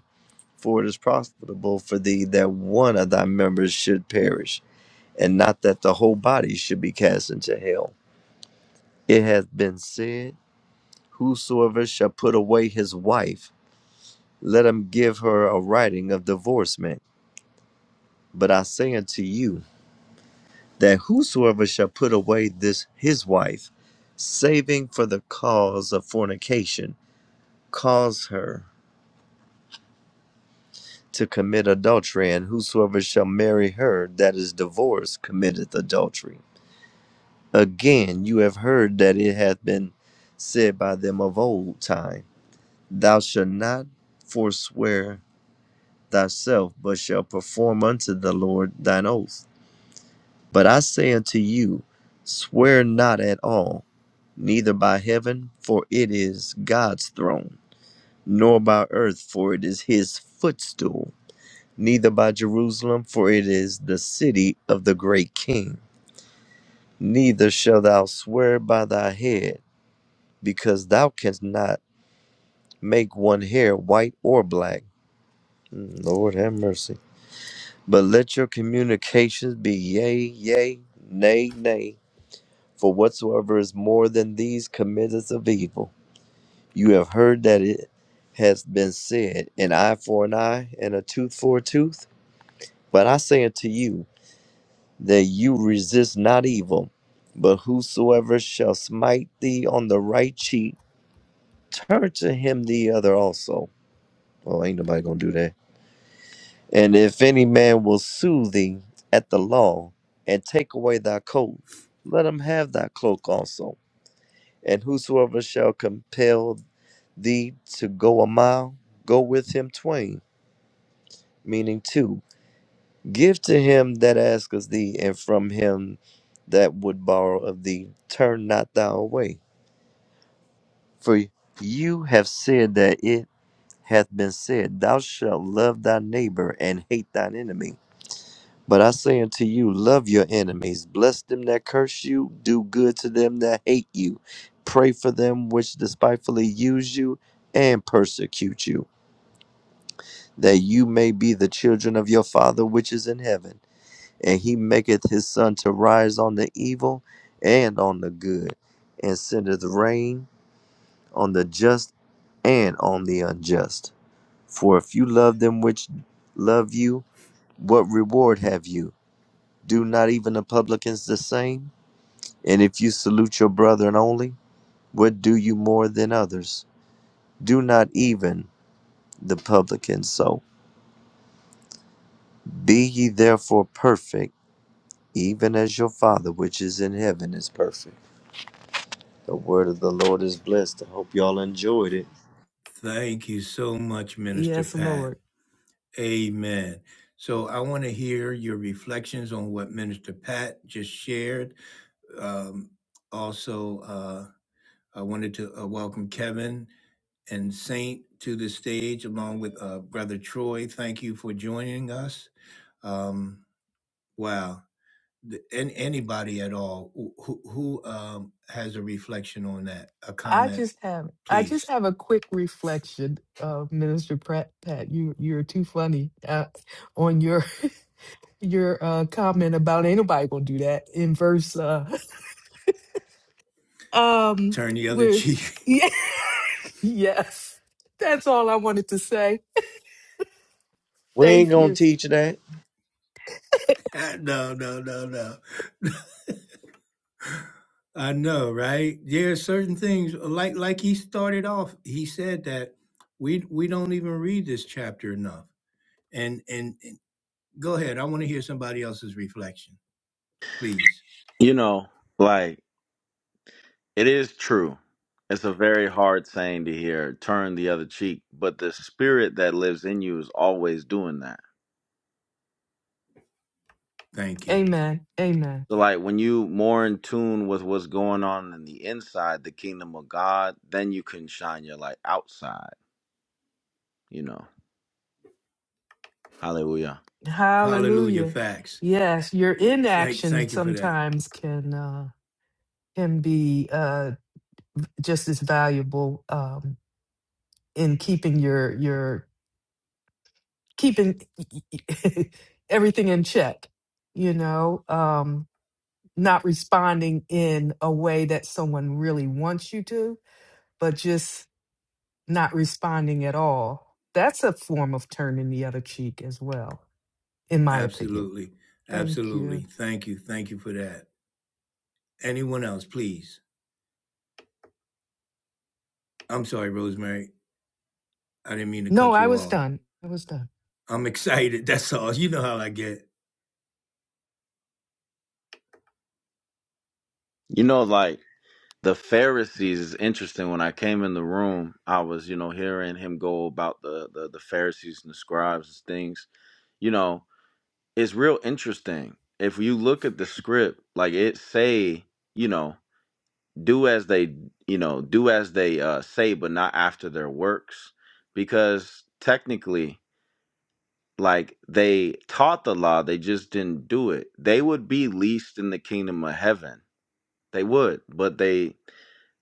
For it is profitable for thee that one of thy members should perish, and not that the whole body should be cast into hell. It hath been said, Whosoever shall put away his wife, let him give her a writing of divorcement. But I say unto you, that whosoever shall put away this his wife, saving for the cause of fornication, cause her to commit adultery, and whosoever shall marry her that is divorced committeth adultery. Again, you have heard that it hath been said by them of old time, Thou shalt not forswear thyself, but shalt perform unto the Lord thine oath. But I say unto you, swear not at all, neither by heaven, for it is God's throne, nor by earth, for it is his footstool, neither by Jerusalem, for it is the city of the great king. Neither shalt thou swear by thy head because thou canst not make one hair white or black. Mm, Lord have mercy. But let your communications be yea, yea, nay, nay, for whatsoever is more than these committeth of evil. You have heard that it has been said, an eye for an eye and a tooth for a tooth. But I say unto you that you resist not evil, but whosoever shall smite thee on the right cheek, turn to him the other also. Well, ain't nobody gonna do that. And if any man will sue thee at the law, and take away thy coat, let him have thy cloak also. And whosoever shall compel thee to go a mile, go with him twain, meaning two. Give to him that asketh thee, and from him that would borrow of thee, turn not thou away. For you have said that it hath been said, Thou shalt love thy neighbor and hate thine enemy. But I say unto you, love your enemies, bless them that curse you, do good to them that hate you, pray for them which despitefully use you and persecute you, that you may be the children of your Father which is in heaven. And he maketh his sun to rise on the evil and on the good, and sendeth rain on the just and on the unjust. For if you love them which love you, what reward have you? Do not even the publicans the same? And if you salute your brethren only, what do you more than others? Do not even the publicans so. Be ye therefore perfect, even as your Father which is in heaven is perfect. The word of the Lord is blessed. I hope y'all enjoyed it. Thank you so much, Minister Yes, Lord. Pat. Amen. So I want to hear your reflections on what Minister Pat just shared. Um, also, uh, I wanted to uh, welcome Kevin and Saint to the stage along with uh, Brother Troy. Thank you for joining us. Um, wow. The- anybody at all who, who who, um, has a reflection on that, a I comment, just have I just please. have a quick reflection, uh, Minister Pratt. Pat, you you're too funny uh, on your your uh, comment about ain't nobody gonna do that in verse. Uh, um, Turn the other where cheek. yeah, yes, that's all I wanted to say. We ain't Thank gonna you. teach that. no, no, no, no. I know, right? There are certain things like like he started off. He said that we we don't even read this chapter enough. And and, and go ahead. I want to hear somebody else's reflection, please. You know, like it is true. It's a very hard saying to hear, turn the other cheek, but the spirit that lives in you is always doing that. Thank you. Amen. Amen. So like when you more in tune with what's going on in the inside, the kingdom of God, then you can shine your light outside, you know. Hallelujah. Hallelujah. Hallelujah. Facts. Yes, your Thank inaction thank you for that. sometimes can uh, can be uh, just as valuable um, in keeping your your keeping everything in check, you know, um, not responding in a way that someone really wants you to, but just not responding at all. That's a form of turning the other cheek as well, in my opinion. Absolutely. Thank Absolutely. you. Thank you. Thank you for that. Anyone else, please? I'm sorry, Rosemary. I didn't mean to No, cut I you was off. done. I was done. I'm excited. That's all. You know how I get. You know, like the Pharisees is interesting. When I came in the room, I was, you know, hearing him go about the the, the Pharisees and the scribes and things, you know, it's real interesting if you look at the script like it say you know do as they you know do as they uh, say but not after their works because technically like they taught the law they just didn't do it they would be least in the kingdom of heaven they would but they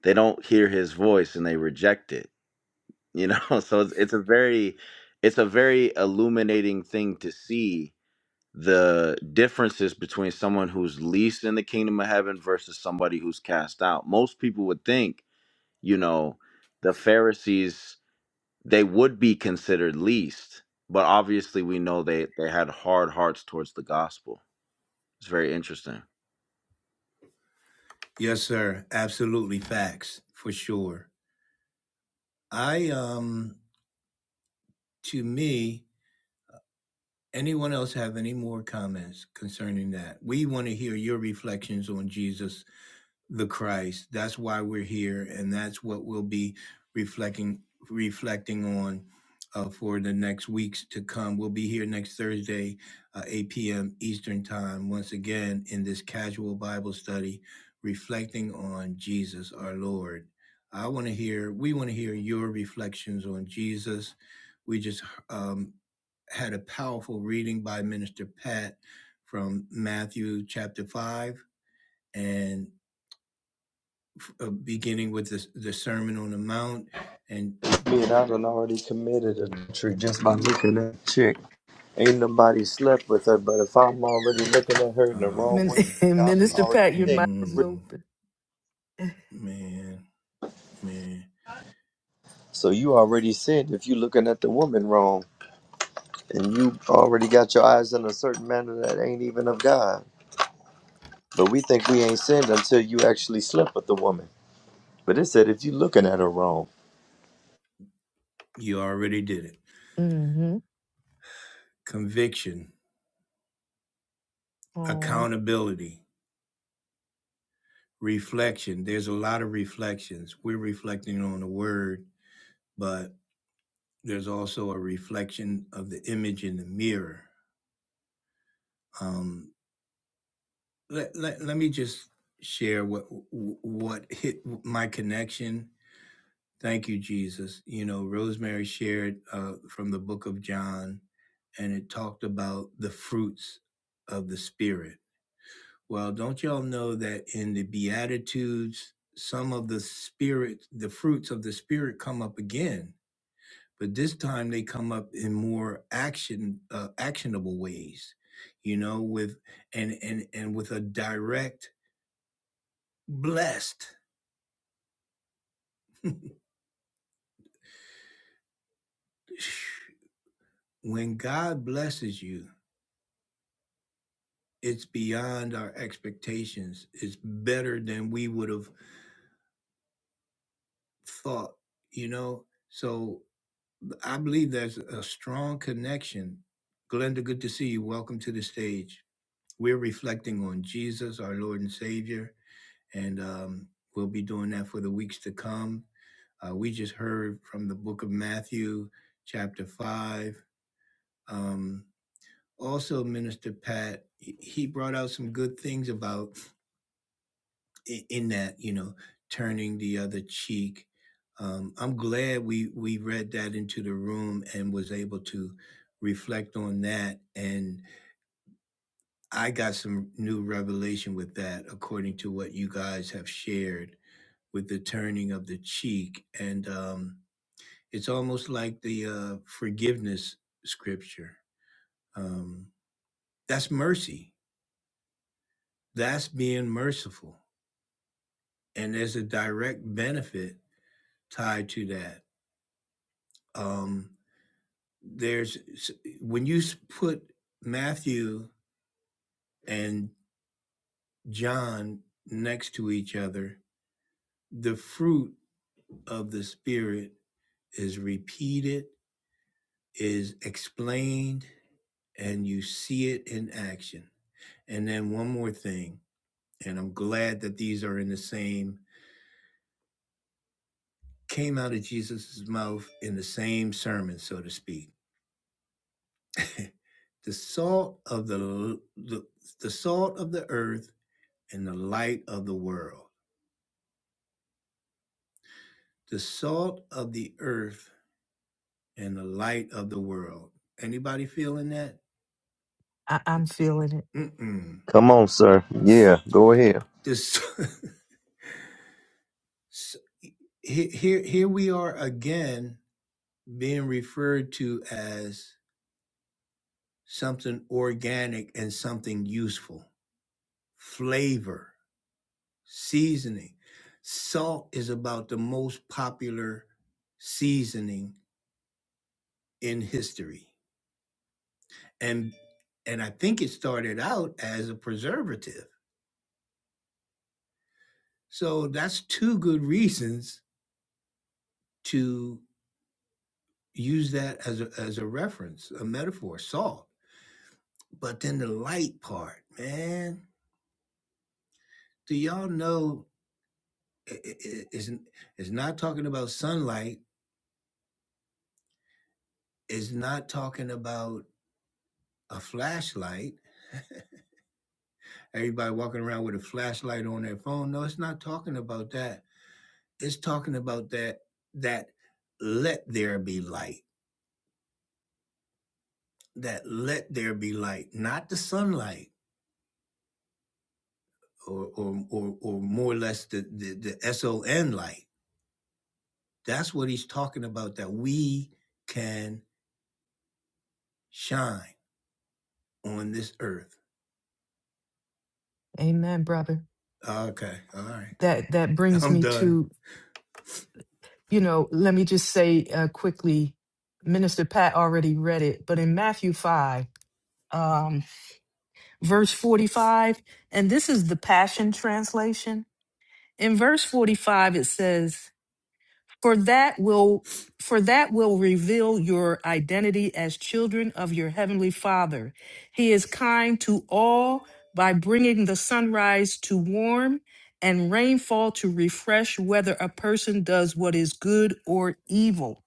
they don't hear his voice and they reject it you know so it's, it's a very it's a very illuminating thing to see the differences between someone who's least in the kingdom of heaven versus somebody who's cast out. Most people would think, you know, the Pharisees they would be considered least, but obviously we know they they had hard hearts towards the gospel. It's very interesting. Yes, sir. Absolutely facts for sure. I um to me, anyone else have any more comments concerning that? We want to hear your reflections on Jesus the Christ. That's why we're here, and that's what we'll be reflecting reflecting on uh, for the next weeks to come. We'll be here next Thursday, uh, 8 p.m. Eastern Time, once again in this casual Bible study, reflecting on Jesus our Lord. I want to hear. We want to hear your reflections on Jesus. We just um, had a powerful reading by Minister Pat from Matthew chapter 5. And uh, beginning with the, the Sermon on the Mount. And Me and I done already committed adultery just by looking at a chick. Ain't nobody slept with her, but if I'm already looking at her in the oh wrong Min- way, you man, I done see, Minister already Pat, your mic sinned. is mm, open. man, man, So you already sinned if you're looking at the woman wrong, and you already got your eyes in a certain manner that ain't even of God. But we think we ain't sinned until you actually slept with the woman. But it said if you looking at her wrong. you already did it. Mm-hmm. Conviction, Oh, accountability, reflection. There's a lot of reflections. We're reflecting on the word, but there's also a reflection of the image in the mirror. Um, let, let, let me just share what what hit my connection Thank you, Jesus. You know, Rosemary shared uh, from the book of John, and it talked about the fruits of the Spirit. Well, don't y'all know that in the Beatitudes, some of the Spirit, the fruits of the Spirit come up again, but this time they come up in more action, uh, actionable ways. You know, with and and and with a direct blessed. When God blesses you, it's beyond our expectations. It's better than we would have thought, you know? So I believe there's a strong connection. Glenda, good to see you. Welcome to the stage. We're reflecting on Jesus, our Lord and Savior, and um, we'll be doing that for the weeks to come. Uh, we just heard from the book of Matthew, chapter 5. Um, also, Minister Pat, he he brought out some good things about in that, you know, turning the other cheek. Um, I'm glad we we read that into the room and was able to reflect on that. And I got some new revelation with that, according to what you guys have shared with the turning of the cheek. And um, it's almost like the uh, forgiveness scripture. Um, that's mercy. That's being merciful, and there's a direct benefit tied to that. Um, there's when you put Matthew and John next to each other, the fruit of the Spirit is repeated, is explained, and you see it in action. And then one more thing, and I'm glad that these are in the same, came out of Jesus's mouth in the same sermon, so to speak. the salt of the, the the salt of the earth and the light of the world. the salt of the earth and the light of the world. Anybody feeling that? I- I'm feeling it. Mm-mm. Come on, sir. Yeah, go ahead. This here here we are again being referred to as something organic and something useful. Flavor, seasoning. Salt is about the most popular seasoning in history. And and I think it started out as a preservative So that's two good reasons to use that as a, as a reference, a metaphor, salt. But then the light part, man, do y'all know it's, it's not talking about sunlight, it's not talking about a flashlight. Everybody walking around with a flashlight on their phone. No, it's not talking about that. It's talking about that that let there be light. That let there be light, not the sunlight or or or, or more or less the, the the SON light. That's what he's talking about. That we can shine on this earth. Amen, brother. Okay, all right, That that brings I'm me done. to you know, let me just say uh, quickly, Minister Pat already read it, but in Matthew 5, um, verse 45, and this is the Passion Translation. In verse 45, it says, For that will for that will reveal your identity as children of your heavenly Father. He is kind to all by bringing the sunrise to warm and rainfall to refresh whether a person does what is good or evil.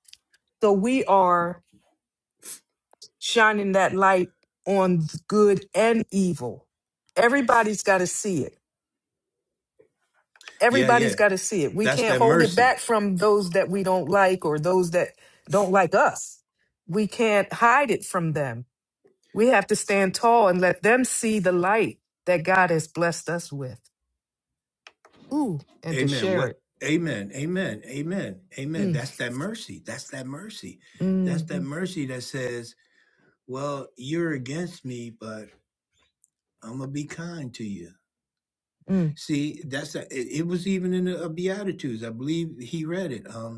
So we are shining that light on good and evil. Everybody's got to see it. Yeah, Everybody's yeah, got to see it. We that's can't that hold it mercy. back from those that we don't like or those that don't like us. We can't hide it from them. We have to stand tall and let them see the light that God has blessed us with. Ooh, and to Amen. share it. What? Amen. Amen. Amen. Amen. Mm, That's that mercy. That's that mercy. That's mm, that mm, mercy that says, "Well, you're against me, but." I'm gonna be kind to you. mm. See, that's a, it, it was even in the uh, Beatitudes. I believe he read it. Um,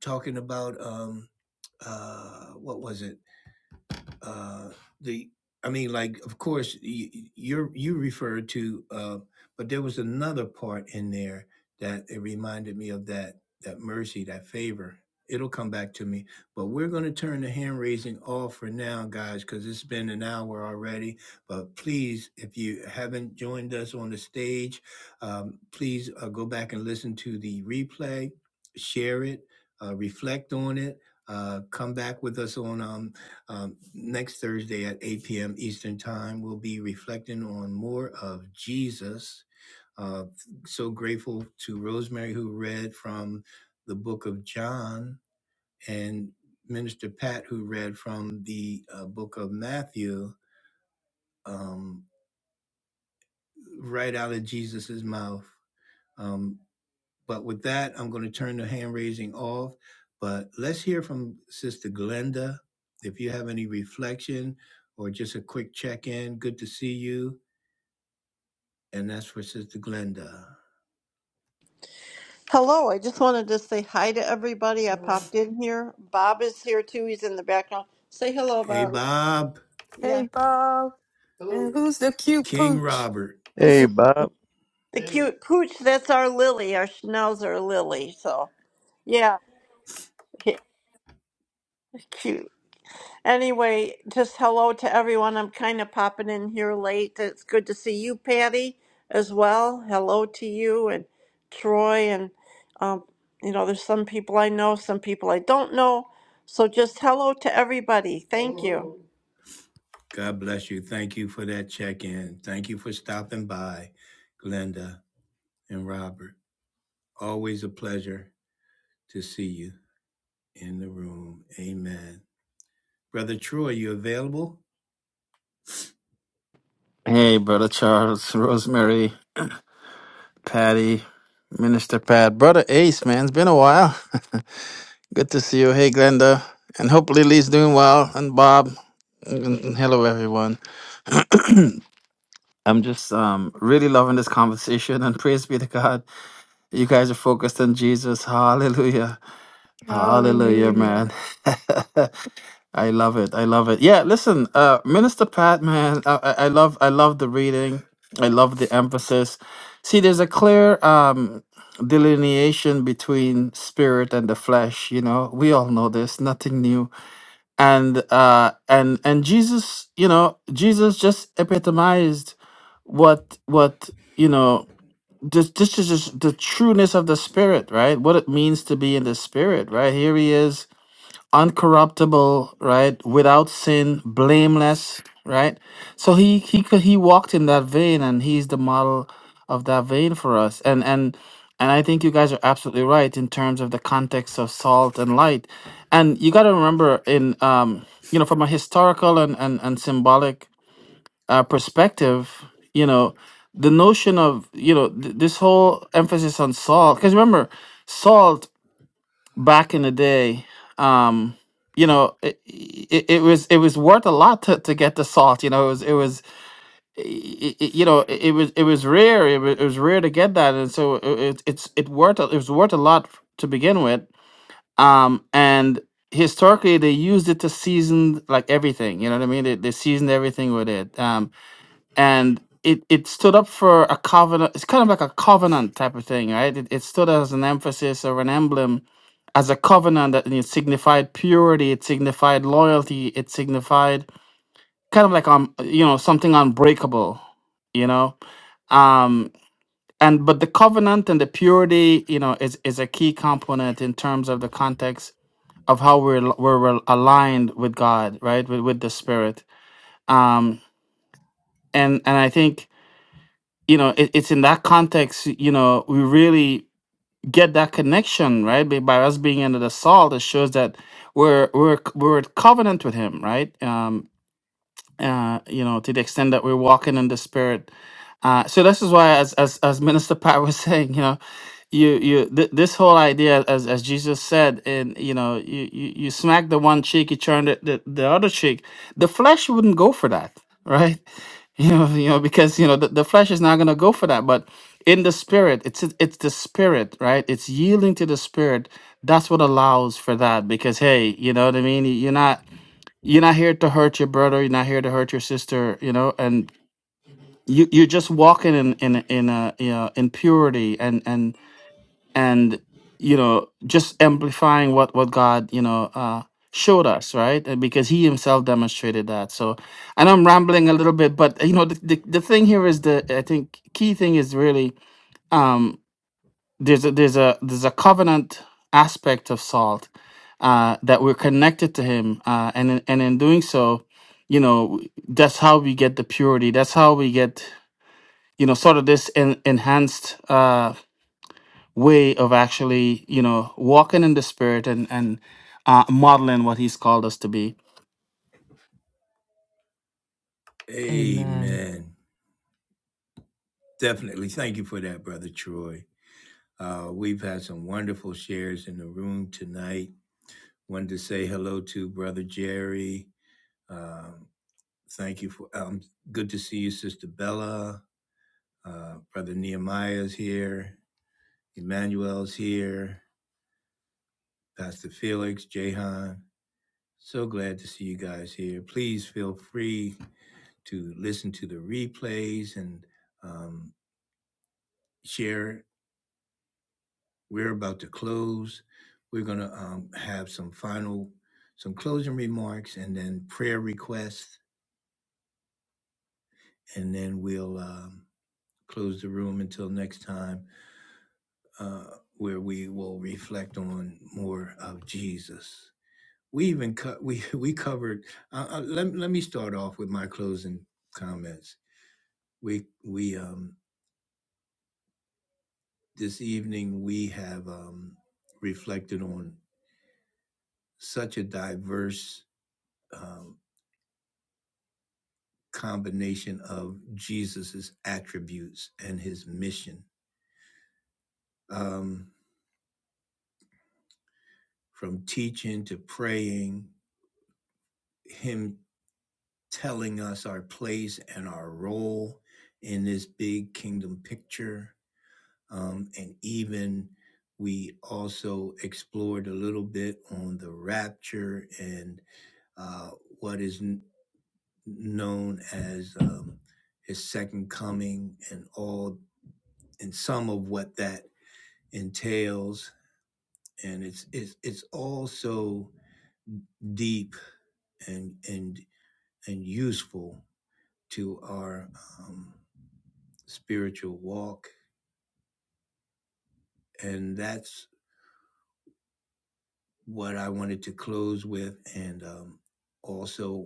talking about um, uh, what was it? uh, the I mean, like, of course, you you you referred to, uh, but there was another part in there that it reminded me of that that mercy, that favor. It'll come back to me, but we're going to turn the hand raising off for now, guys, because it's been an hour already. But please, if you haven't joined us on the stage, um, please uh, go back and listen to the replay, share it, uh, reflect on it, uh, come back with us on um, um, next Thursday at 8 p.m. Eastern Time, we'll be reflecting on more of Jesus. Uh, so grateful to Rosemary, who read from the book of John, and Minister Pat, who read from the uh, book of Matthew, um, right out of Jesus's mouth. Um, But with that, I'm going to turn the hand raising off. But let's hear from Sister Glenda. If you have any reflection or just a quick check in, good to see you. And that's for Sister Glenda. Hello, I just wanted to say hi to everybody. I Hello. popped in here. Bob is here too. He's in the background. Say hello, Hey, Bob. Hello. Bob, Yeah. Hey, Bob. Hello. And who's the cute King pooch? Robert. Hey, Bob. The Hey. cute pooch, that's our Lily. Our schnauzer Lily. So, yeah, yeah, cute. Anyway, just hello to everyone. I'm kind of popping in here late. It's good to see you, Patty, as well. Hello to you and Troy. And, um, you know, there's some people I know, some people I don't know. So, just hello to everybody. Thank you. God bless you. Thank you for that check in. Thank you for stopping by, Glenda and Robert. Always a pleasure to see you in the room. Amen. Brother Troy, you available? Hey, brother Charles, Rosemary, Patty, Minister Pat, brother Ace, man, it's been a while. Good to see you. Hey, Glenda, and hopefully Lee's doing well, and Bob, and and hello everyone. I'm just um really loving this conversation, and praise be to God, you guys are focused on Jesus. Hallelujah. Hallelujah, Hallelujah. man. I love it. I love it. Yeah, listen, uh, Minister Pat, man, I, I I love, I love the reading. I love the emphasis. See, there's a clear um, delineation between spirit and the flesh. You know, we all know this. Nothing new. And uh, and and Jesus, you know, Jesus just epitomized what what you know this this is just the trueness of the spirit, right? What it means to be in the spirit, right? Here he is, uncorruptible, right? Without sin, blameless, right? So he he could he walked in that vein, and he's the model of that vein for us. And and and I think you guys are absolutely right in terms of the context of salt and light. And you got to remember in um you know from a historical and and, and symbolic uh, perspective, you know, the notion of you know th- this whole emphasis on salt. Because remember, salt back in the day, um, you know, it, it, it was it was worth a lot to, to get the salt. You know, it was it was i- i- i- you know it, it was it was rare. It was, it was rare to get that, and so it, it, it's it worth a- it was worth a lot to begin with. Um, and historically they used it to season like everything you know what i mean they, they seasoned everything with it Um and it it stood up for a covenant. It's kind of like a covenant type of thing, right? It, it stood as an emphasis or an emblem, as a covenant that it signified purity, it signified loyalty, it signified kind of like um you know something unbreakable, you know. Um and but the covenant and the purity, you know, is is a key component in terms of the context of how we're we're aligned with God, right? With with the Spirit. Um and and I think you know it, it's in that context you know we really get that connection right by, by us being under the salt it shows that we're we're we're at covenant with him right um uh you know to the extent that we're walking in the spirit uh so this is why as as, as minister pat was saying you know you you th- this whole idea as as jesus said and you know you you, you smack the one cheek you turn the, the the other cheek the flesh wouldn't go for that right you know, you know, because you know the, the flesh is not going to go for that. But in the spirit, it's it's the spirit, right? It's yielding to the spirit. That's what allows for that. Because hey, you know what I mean. You're not you're not here to hurt your brother. You're not here to hurt your sister. You know, and you you're just walking in in in a you know in purity and and and you know just amplifying what what god you know uh showed us right And because he himself demonstrated that so i know i'm rambling a little bit but you know the, the, the thing here is the i think key thing is really um there's a there's a there's a covenant aspect of salt uh that we're connected to him uh and in- and in doing so you know that's how we get the purity that's how we get you know sort of this en- enhanced uh way of actually, you know, walking in the spirit and and uh, modeling what He's called us to be. Amen. Amen. Definitely. Thank you for that, Brother Troy. Uh, we've had some wonderful shares in the room tonight. Wanted to say hello to Brother Jerry. Um, thank you for, um, good to see you, Sister Bella. Uh, Brother Nehemiah's here. Emmanuel's here. Pastor Felix, Jahan. So glad to see you guys here. Please feel free to listen to the replays and um, share We're about to close. We're going to um, have some final, some closing remarks and then prayer requests. And then we'll um, close the room until next time, uh, where we will reflect on more of Jesus. We even cut, we, we covered, uh, uh, let, let me start off with my closing comments. We, we, um, this evening we have um, reflected on such a diverse um, combination of Jesus's attributes and his mission. Um, from teaching to praying, him telling us our place and our role in this big kingdom picture. Um, and even we also explored a little bit on the rapture and uh, what is n- known as um, his second coming and all and some of what that entails and it's it's it's all so deep and and and useful to our um, spiritual walk and that's what i wanted to close with and um, also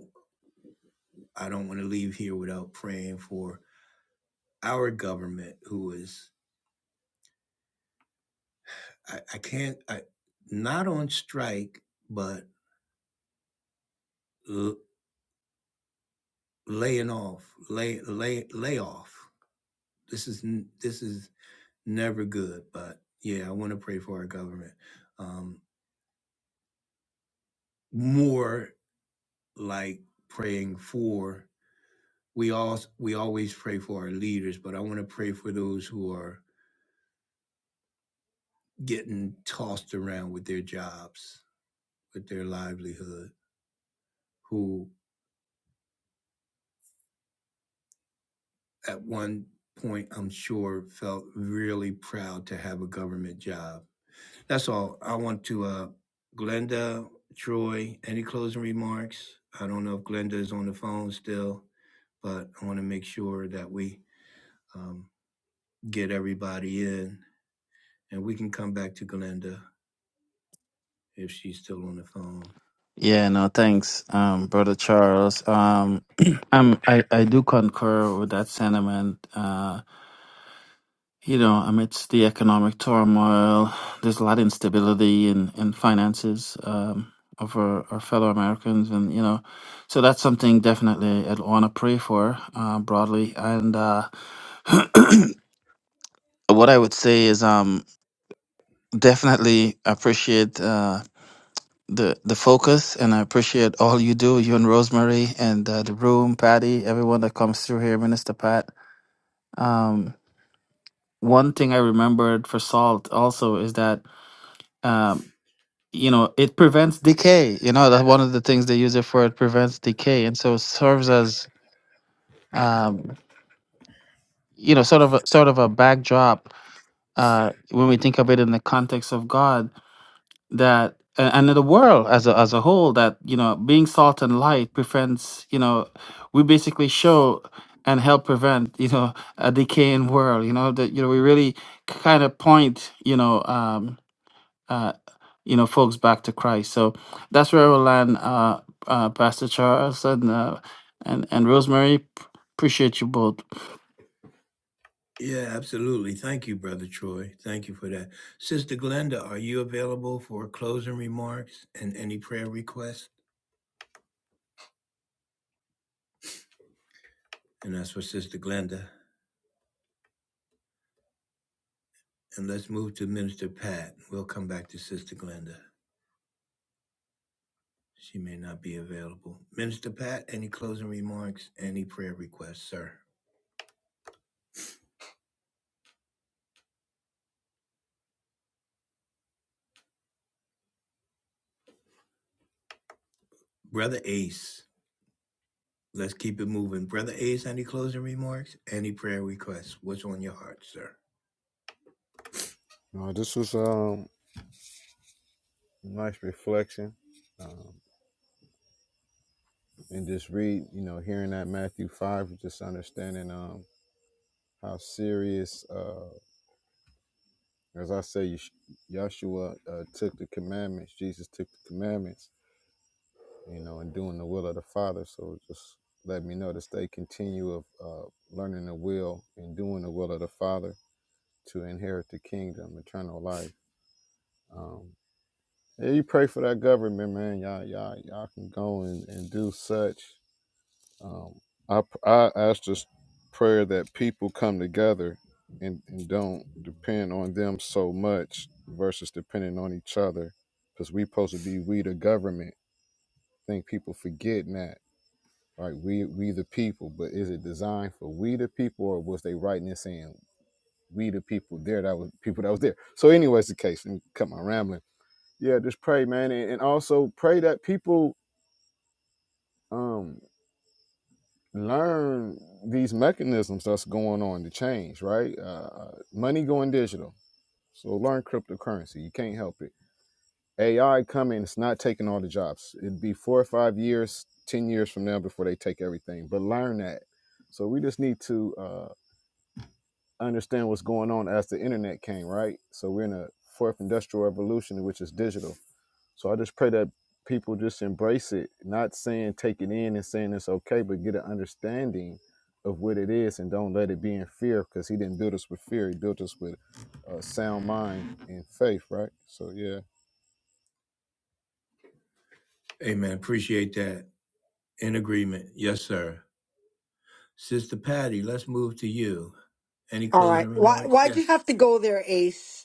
i don't want to leave here without praying for our government who is i, I can't I, not on strike but l- laying off lay lay lay off this is this is never good, but yeah, I want to pray for our government. Um, more like praying for we all we always pray for our leaders, but I want to pray for those who are getting tossed around with their jobs, with their livelihood, who at one point I'm sure felt really proud to have a government job. That's all. I want to uh Glenda, Troy, any closing remarks? I don't know if Glenda is on the phone still. but I want to make sure that we um, get everybody in and we can come back to Glenda if she's still on the phone. Yeah, no, thanks, um, brother Charles. Um, I'm, I I do concur with that sentiment. Uh, you know, amidst the economic turmoil, there's a lot of instability in in finances um, of our, our fellow Americans, and you know, so that's something definitely I'd want to pray for uh, broadly. And uh, what I would say is, um, definitely appreciate uh, the the focus, and I appreciate all you do, you and Rosemary, and uh, the room, Patty, everyone that comes through here, Minister Pat. Um, one thing I remembered for salt also is that um, you know it prevents decay. You know that's one of the things they use it for. It prevents decay, and so serves as um, you know sort of a, sort of a backdrop uh, when we think of it in the context of God that a- and in the world as a as a whole that you know being salt and light prevents you know we basically show and help prevent you know a decaying world you know that you know we really kind of point you know um uh you know folks back to christ so that's where we'll land uh, uh pastor charles and uh, and and rosemary p- appreciate you both Yeah, absolutely. Thank you, Brother Troy. Thank you for that. Sister Glenda, are you available for closing remarks and any prayer requests? And that's for Sister Glenda. And let's move to Minister Pat. We'll come back to Sister Glenda. She may not be available. Minister Pat, any closing remarks, any prayer requests, sir? Brother Ace. Let's keep it moving. Brother Ace, any closing remarks? Any prayer requests? What's on your heart, sir? No, this was um nice reflection. Um, and just read, you know, hearing that Matthew five, just understanding um how serious uh as I say Yesh- Yeshua uh, took the commandments, Jesus took the commandments you know, and doing the will of the Father. So just let me know to stay continue of uh, learning the will and doing the will of the Father to inherit the kingdom, eternal life. Um, yeah, you pray for that government, man. Y'all, y'all, y'all can go and, and do such. Um, I, I ask this prayer that people come together and, and don't depend on them so much versus depending on each other because we supposed to be we the government. I think people forgetting that right? We we the people, but is it designed for we the people, or was they writing and saying we the people there that was people that was there? So, anyways, the case. Let me cut my rambling. Yeah, just pray, man, and, and also pray that people um learn these mechanisms that's going on to change, right? Uh, uh, money going digital, so learn cryptocurrency. You can't help it. AI coming, it's not taking all the jobs. It'd be four or five years, ten years from now before they take everything. But learn that. So we just need to. uh, understand what's going on as the internet came, right? So we're in a fourth industrial revolution, which is digital. So I just pray that people just embrace it, not saying take it in and saying it's okay, but get an understanding of what it is and don't let it be in fear because he didn't build us with fear. He built us with a sound mind and faith, right? So yeah. Amen. Appreciate that. In agreement. Yes, sir. Sister Patty, let's move to you. Any All right. closing Why? remarks? Why'd you Yes. have to go there, Ace?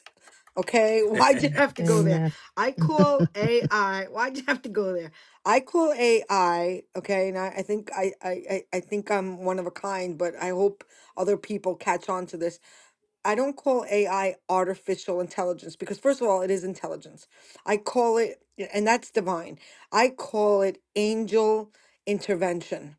Okay, why'd you have to go there? Amen. I call AI. Why'd you have to go there? I call AI. Okay, and I, I think I, I I I think I'm one of a kind, but I hope other people catch on to this. I don't call AI artificial intelligence because first of all, it is intelligence. I call it, and that's divine. I call it angel intervention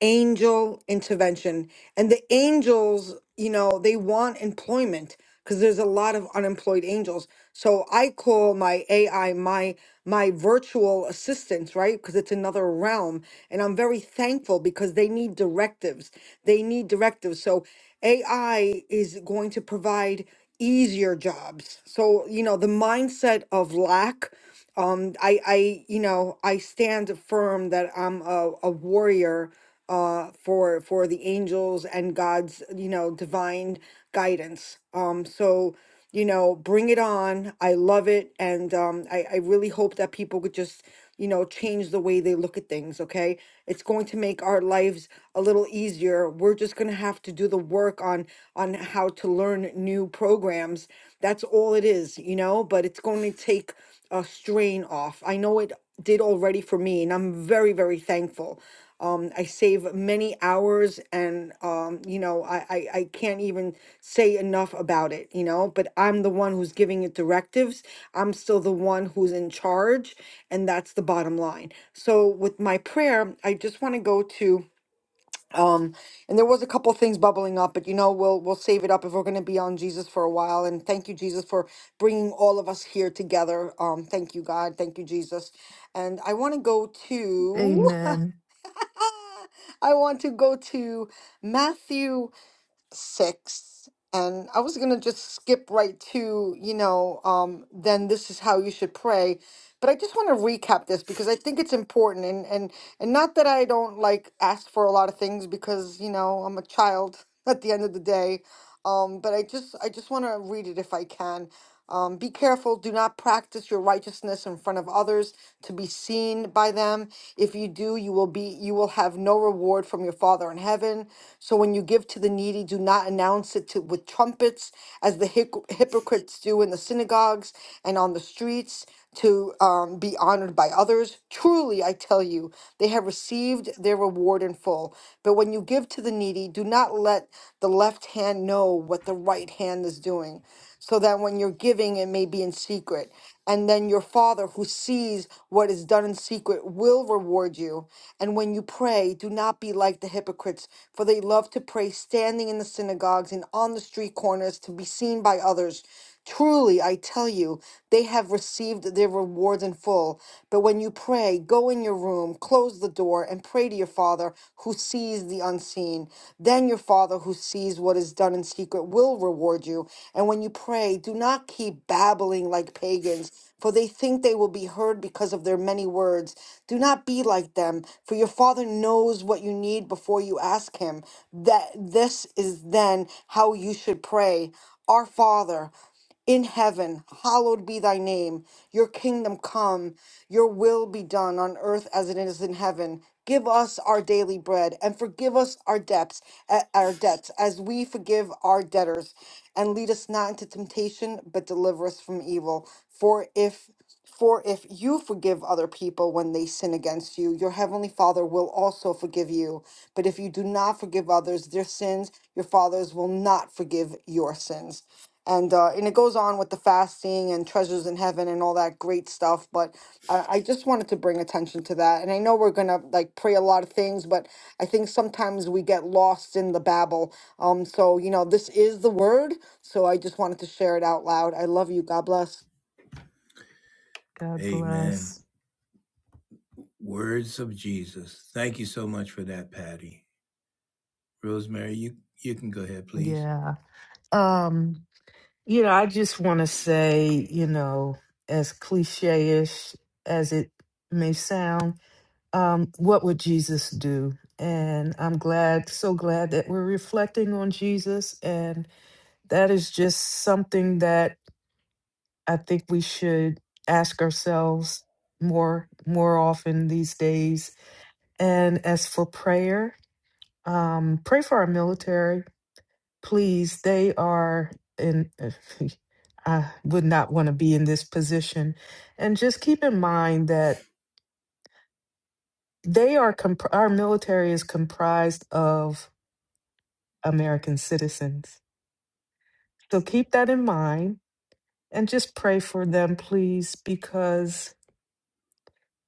angel intervention. And the angels, you know, they want employment because there's a lot of unemployed angels. So I call my AI my my virtual assistants, right? Because it's another realm. And I'm very thankful because they need directives. They need directives. So AI is going to provide easier jobs. So, you know, the mindset of lack um, I, I, you know, I stand firm that I'm a, a warrior uh, for for the angels and God's, you know, divine guidance. Um, so, you know, bring it on. I love it, and um, I, I really hope that people could just you know, change the way they look at things, okay? It's going to make our lives a little easier. We're just going to have to do the work on on how to learn new programs. That's all it is, you know, but it's going to take a strain off. I know it did already for me and I'm very very thankful. Um, I save many hours and, um, you know, I, I, I can't even say enough about it, you know, but I'm the one who's giving it directives. I'm still the one who's in charge. And that's the bottom line. So with my prayer, I just want to go to, um, and there was a couple things bubbling up, but you know, we'll, we'll save it up if we're going to be on Jesus for a while. And thank you, Jesus, for bringing all of us here together. Um, thank you, God. Thank you, Jesus. And I want to go to, Amen. I want to go to Matthew 6. And I was going to just skip right to, you know, um, then this is how you should pray. But I just want to recap this because I think it's important and and and not that I don't like ask for a lot of things because, you know, I'm a child at the end of the day. Um, but I just I just want to read it if I can. Um, be careful, do not practice your righteousness in front of others to be seen by them. If you do, you will be you will have no reward from your Father in heaven. So when you give to the needy, do not announce it to, with trumpets, as the hyc- hypocrites do in the synagogues and on the streets to um, be honored by others. Truly, I tell you, they have received their reward in full. But when you give to the needy, do not let the left hand know what the right hand is doing, so that when you're giving, it may be in secret. And then your Father, who sees what is done in secret, will reward you. And when you pray, do not be like the hypocrites, for they love to pray standing in the synagogues and on the street corners to be seen by others. Truly, I tell you, they have received their rewards in full. But when you pray, go in your room, close the door, and pray to your Father who sees the unseen. Then your Father who sees what is done in secret will reward you. And when you pray, do not keep babbling like pagans, for they think they will be heard because of their many words. Do not be like them, for your Father knows what you need before you ask Him. That this is then how you should pray. Our Father, in heaven, hallowed be thy name. Your kingdom come, your will be done on earth as it is in heaven. Give us our daily bread and forgive us our debts, eh, our debts as we forgive our debtors, and lead us not into temptation, but deliver us from evil. For if for if you forgive other people when they sin against you, your heavenly Father will also forgive you. But if you do not forgive others their sins, your fathers will not forgive your sins. And uh, and it goes on with the fasting and treasures in heaven and all that great stuff. But I, I just wanted to bring attention to that. And I know we're gonna like pray a lot of things, but I think sometimes we get lost in the babble. Um, so you know this is the word. So I just wanted to share it out loud. I love you. God bless. God Amen. bless. Words of Jesus. Thank you so much for that, Patty. Rosemary, you, you can go ahead, please. Yeah. Um, you know, I just want to say, you know, as cliche-ish as it may sound, um, what would Jesus do? And I'm glad, so glad that we're reflecting on Jesus. And that is just something that I think we should ask ourselves more more often these days. And as for prayer, Um, pray for our military, please. They are in, I would not want to be in this position. And just keep in mind that they are, comp- our military is comprised of American citizens. So keep that in mind and just pray for them, please, because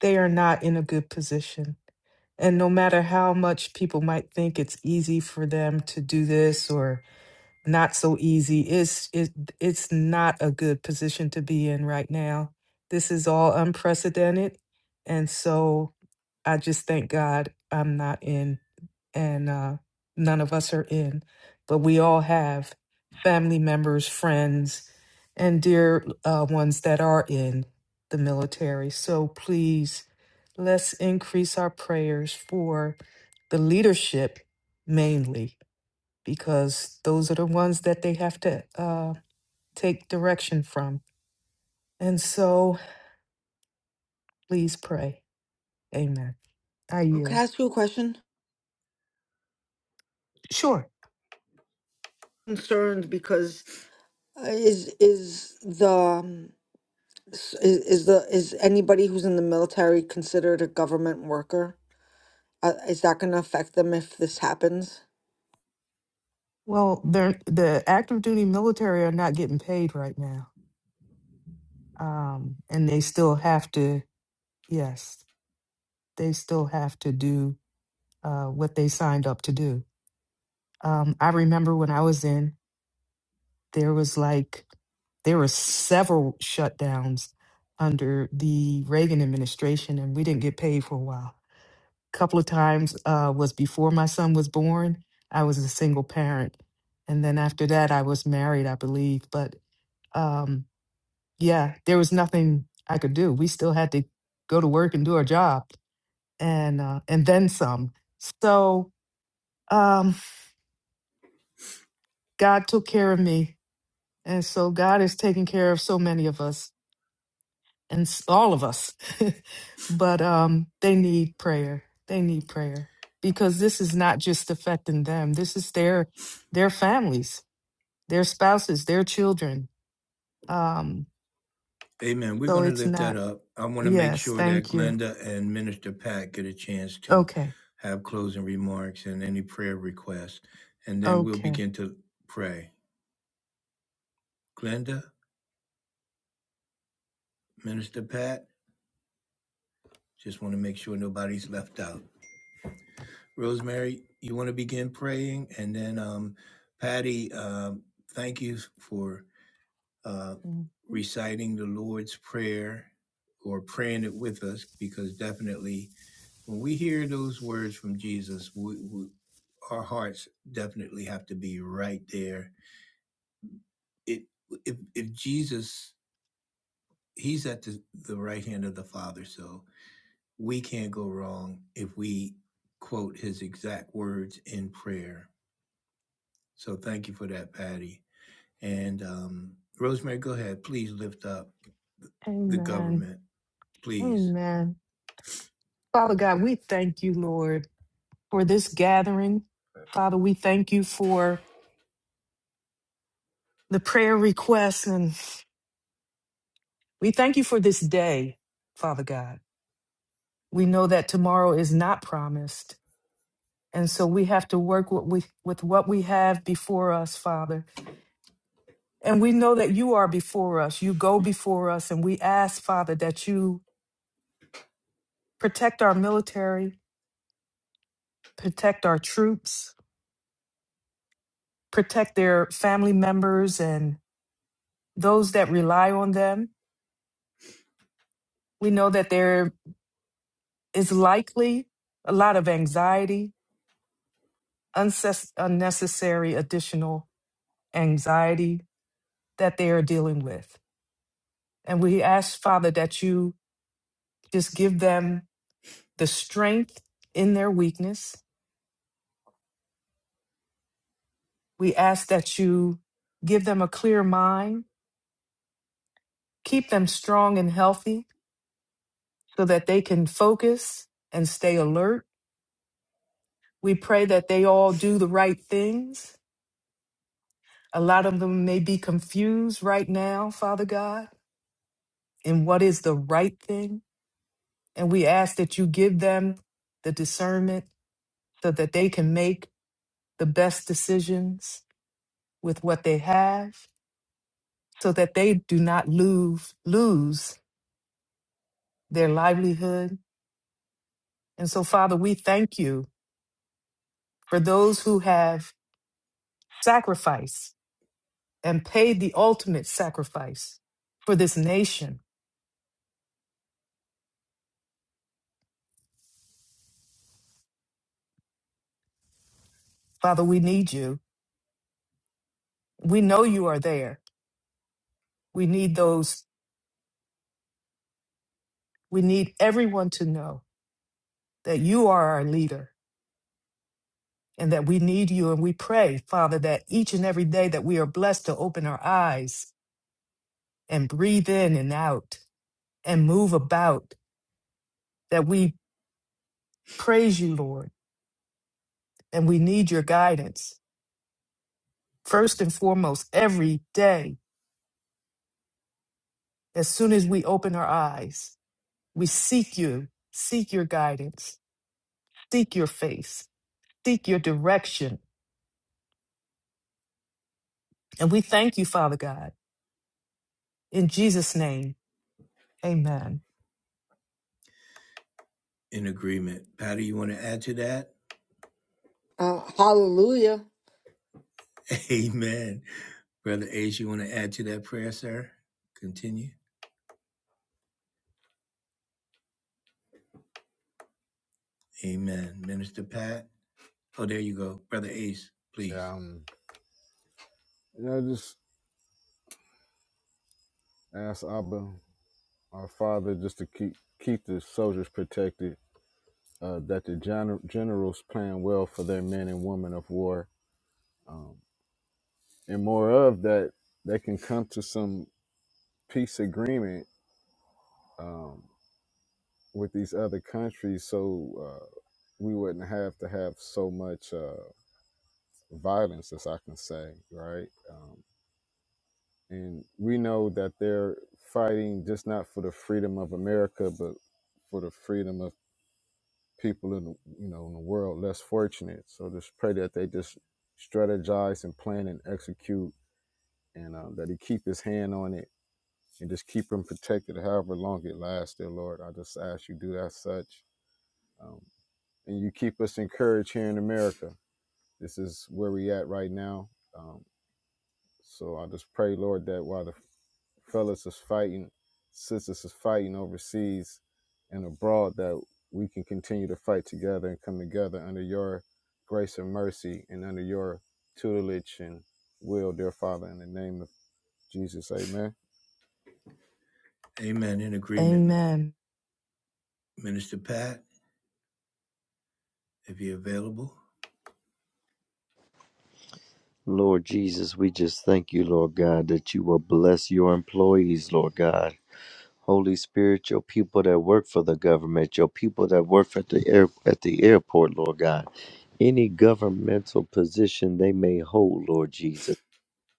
they are not in a good position. And no matter how much people might think it's easy for them to do this not so easy. It's it, it's not a good position to be in right now. This is all unprecedented, and so I just thank God I'm not in, and uh, none of us are in, but we all have family members, friends, and dear uh, ones that are in the military. So please, let's increase our prayers for the leadership mainly because those are the ones that they have to uh, take direction from. And so please pray. Amen. I Oh, Can I yield. ask you a question? Sure. concerned because uh, is is the um, s- is, is the is anybody who's in the military considered a government worker? Uh, is that going to affect them if this happens? Well, they're, the active duty military are not getting paid right now. Um, and they still have to, yes, they still have to do uh, what they signed up to do. Um, I remember when I was in, there was like, there were several shutdowns under the Reagan administration, and we didn't get paid for a while couple of times uh, was before my son was born. I was a single parent. And then after that, I was married, I believe. But um, yeah, there was nothing I could do. We still had to go to work and do our job and, uh, and then some. So um, God took care of me. And so God is taking care of so many of us and s- all of us. but um, they need prayer. They need prayer because this is not just affecting them. This is their their families, their spouses, their children. Um, Amen. We're so going to it's lift not. that up. I want to make Yes, sure that thank you. Glenda and Minister Pat get a chance to Okay, have closing remarks and any prayer requests, and then we'll okay. begin to pray. Glenda, Minister Pat, just want to make sure nobody's left out. Rosemary, you want to begin praying, and then um, Patty, um, thank you for uh, Mhm. reciting the Lord's Prayer or praying it with us because definitely When we hear those words from Jesus, we, we, our hearts definitely have to be right there. It, if, if Jesus, he's at the, the right hand of the Father, so we can't go wrong if we quote his exact words in prayer. So thank you for that, Patty. And um, Rosemary, go ahead. Please lift up the Amen. government, please, Amen. Father God, we thank you, Lord, for this gathering. Father, we thank you for the prayer requests and we thank you for this day, Father God. we know that tomorrow is not promised. And so we have to work what we, with what we have before us, Father. And we know that you are before us. You go before us. And we ask, Father, that you protect our military, protect our troops, protect their family members and those that rely on them. We know that there is likely a lot of anxiety, unces- unnecessary additional anxiety that they are dealing with. And we ask, Father, that you just give them the strength in their weakness. We ask that you give them a clear mind, keep them strong and healthy so that they can focus and stay alert. We pray that they all do the right things. A lot of them may be confused right now, Father God, in what is the right thing. And we ask that you give them the discernment so that they can make the best decisions with what they have. so that they do not lose lose their livelihood. And so, Father, we thank you for those who have sacrificed and paid the ultimate sacrifice for this nation. Father, we need you. We know you are there. We need those, we need everyone to know that you are our leader and that we need you. And we pray, Father, that each and every day that we are blessed to open our eyes and breathe in and out and move about, that we praise you, Lord, and we need your guidance. First and foremost, every day, as soon as we open our eyes, we seek you, seek your guidance, seek your face, seek your direction. And we thank you, Father God. In Jesus' name, amen. in agreement. Patty, you want to add to that? Uh, hallelujah. Amen. Brother Ace, you want to add to that prayer, sir? Continue. Amen. Minister Pat. Oh, there you go. Brother Ace, please. Yeah. Um, you know, just ask Abba, our father, just to keep keep the soldiers protected, uh, that the gener- generals plan well for their men and women of war um, and more of that they can come to some peace agreement um, with these other countries so uh, we wouldn't have to have so much uh, violence as i can say right um, and we know that they're fighting just not for the freedom of america but for the freedom of people in the, you know in the world less fortunate so just pray that they just strategize and plan and execute and um, that he keep his hand on it and just keep them protected however long it lasts, dear Lord. I just ask you do that such. Um, and you keep us encouraged here in America. This is where we at right now. Um, so I just pray, Lord, that while the fellas is fighting, sisters is fighting overseas and abroad, that we can continue to fight together and come together under your grace and mercy and under your tutelage and will, dear Father, in the name of Jesus. Amen. Amen. In agreement, M- Amen. Minister Pat, if you're available. Lord Jesus, we just thank you, Lord God, that you will bless your employees, Lord God. Holy Spirit, your people that work for the government, your people that work at the air, at the airport, Lord God, any governmental position they may hold, Lord Jesus.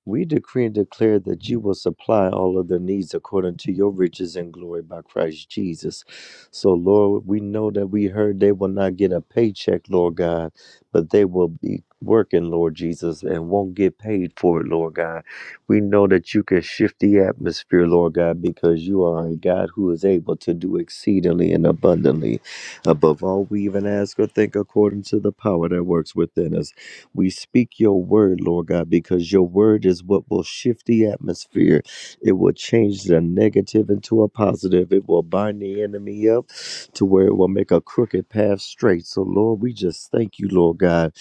We decree and declare that you will supply all of their needs according to your riches and glory by Christ Jesus. So, Lord, we know that we heard they will not get a paycheck, Lord God, but they will be working, Lord Jesus, and won't get paid for it, Lord God. We know that you can shift the atmosphere, Lord God, because you are a God who is able to do exceedingly and abundantly above all we even ask or think according to the power that works within us. We speak your word, Lord God, because your word is what will shift the atmosphere. It will change the negative into a positive. It will bind the enemy up to where it will make a crooked path straight. So, Lord, we just thank you, Lord God,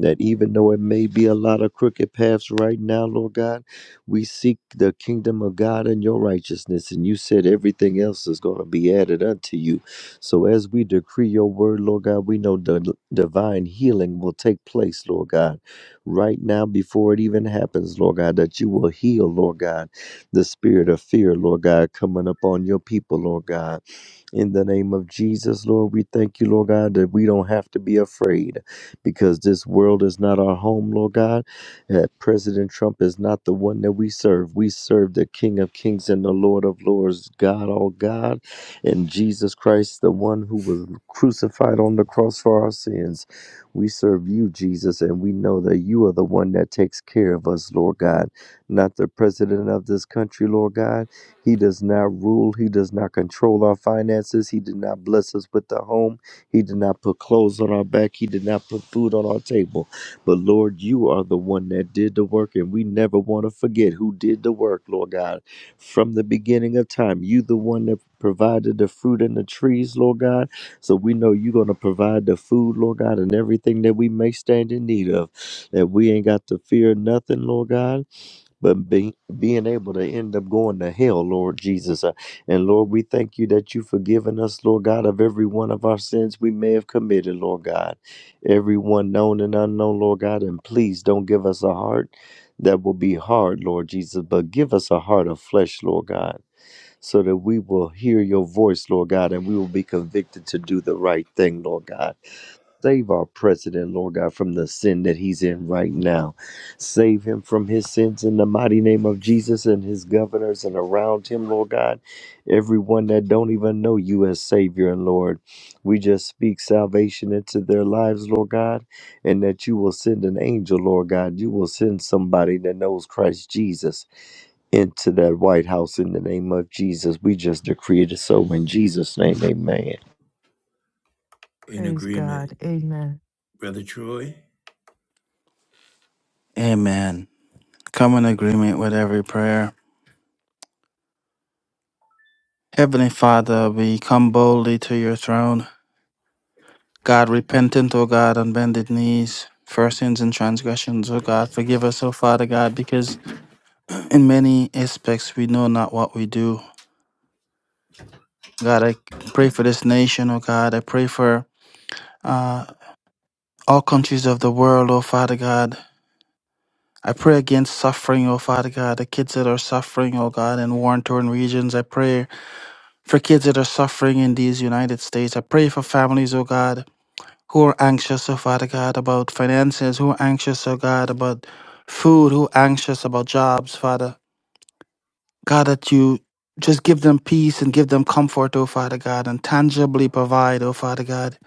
that even though it may be a lot of crooked paths right now, Lord God, we seek the kingdom of God and your righteousness. And you said everything else is going to be added unto you. So as we decree your word, Lord God, we know the divine healing will take place, Lord God, right now before it even happens, Lord God, that you will heal, Lord God, the spirit of fear, Lord God, coming upon your people, Lord God. In the name of Jesus, Lord, we thank you, Lord God, that we don't have to be afraid because this world is not our home, Lord God. That President Trump is not the one that we serve. We serve the King of Kings and the Lord of Lords, God, all God, and Jesus Christ, the one who was crucified on the cross for our sins. We serve you, Jesus, and we know that you are the one that takes care of us, Lord God, not the president of this country, Lord God. He does not rule. He does not control our finances. He did not bless us with a home. He did not put clothes on our back. He did not put food on our table. But Lord, you are the one that did the work, and we never want to forget who did the work, Lord God. From the beginning of time, you the one that provided the fruit and the trees, Lord God. So we know you're going to provide the food, Lord God, and everything that we may stand in need of. That we ain't got to fear nothing, Lord God but be, being able to end up going to hell, Lord Jesus. Uh, And Lord, we thank you that you've forgiven us, Lord God, of every one of our sins we may have committed, Lord God. Everyone known and unknown, Lord God. And please don't give us a heart that will be hard, Lord Jesus, but give us a heart of flesh, Lord God, so that we will hear your voice, Lord God, and we will be convicted to do the right thing, Lord God. Save our president, Lord God, from the sin that he's in right now. Save him from his sins in the mighty name of Jesus and his governors and around him, Lord God. Everyone that don't even know you as Savior and Lord. We just speak salvation into their lives, Lord God, and that you will send an angel, Lord God. You will send somebody that knows Christ Jesus into that White House in the name of Jesus. We just decree it so in Jesus' name. Amen. In Praise agreement, God. Amen. Brother Troy. amen come in agreement with every prayer heavenly father we come boldly to your throne God, repentant, O God, on bended knees for our sins and transgressions, O God. Forgive us, O Father God, because in many aspects we know not what we do. God, I pray for this nation, O God. I pray for uh, all countries of the world, O Father God. I pray against suffering, O Father God, the kids that are suffering, O God, in war torn regions. I pray for kids that are suffering in these United States. I pray for families, O God, who are anxious, oh Father God, about finances, who are anxious, oh God, about food, who are anxious about jobs, Father. God, that you just give them peace and give them comfort, oh Father God, and tangibly provide, oh Father God.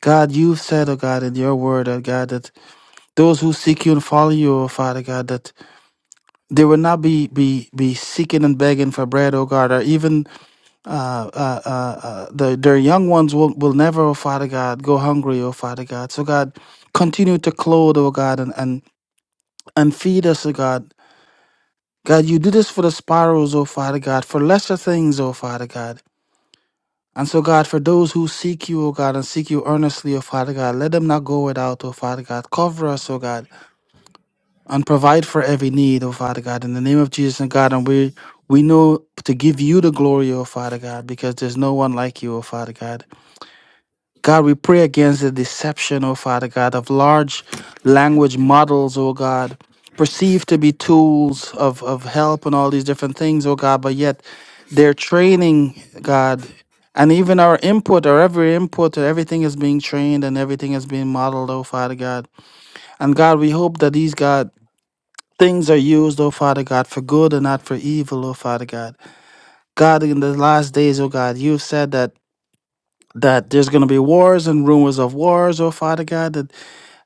God, you've said, oh God, in your word, oh God, that those who seek you and follow you, oh Father God, that they will not be, be, be seeking and begging for bread, oh God, or even uh, uh, uh, uh, the, their young ones will, will never, oh Father God, go hungry, oh Father God. So, God, continue to clothe, oh God, and, and, and feed us, oh God. God, you do this for the sparrows, oh Father God, for lesser things, oh Father God. And so, God, for those who seek you, oh God, and seek you earnestly, oh Father God, let them not go without, oh Father God. Cover us, oh God, and provide for every need, oh Father God, in the name of Jesus and God. And we, we know to give you the glory, oh Father God, because there's no one like you, oh Father God. God, we pray against the deception, oh Father God, of large language models, oh God, perceived to be tools of, of help and all these different things, oh God, but yet they're training, God, and even our input, or every input, or everything is being trained and everything is being modeled, oh Father God. And God, we hope that these, God, things are used, oh Father God, for good and not for evil, oh Father God. God, in the last days, oh God, you said that that there's going to be wars and rumors of wars, oh Father God, that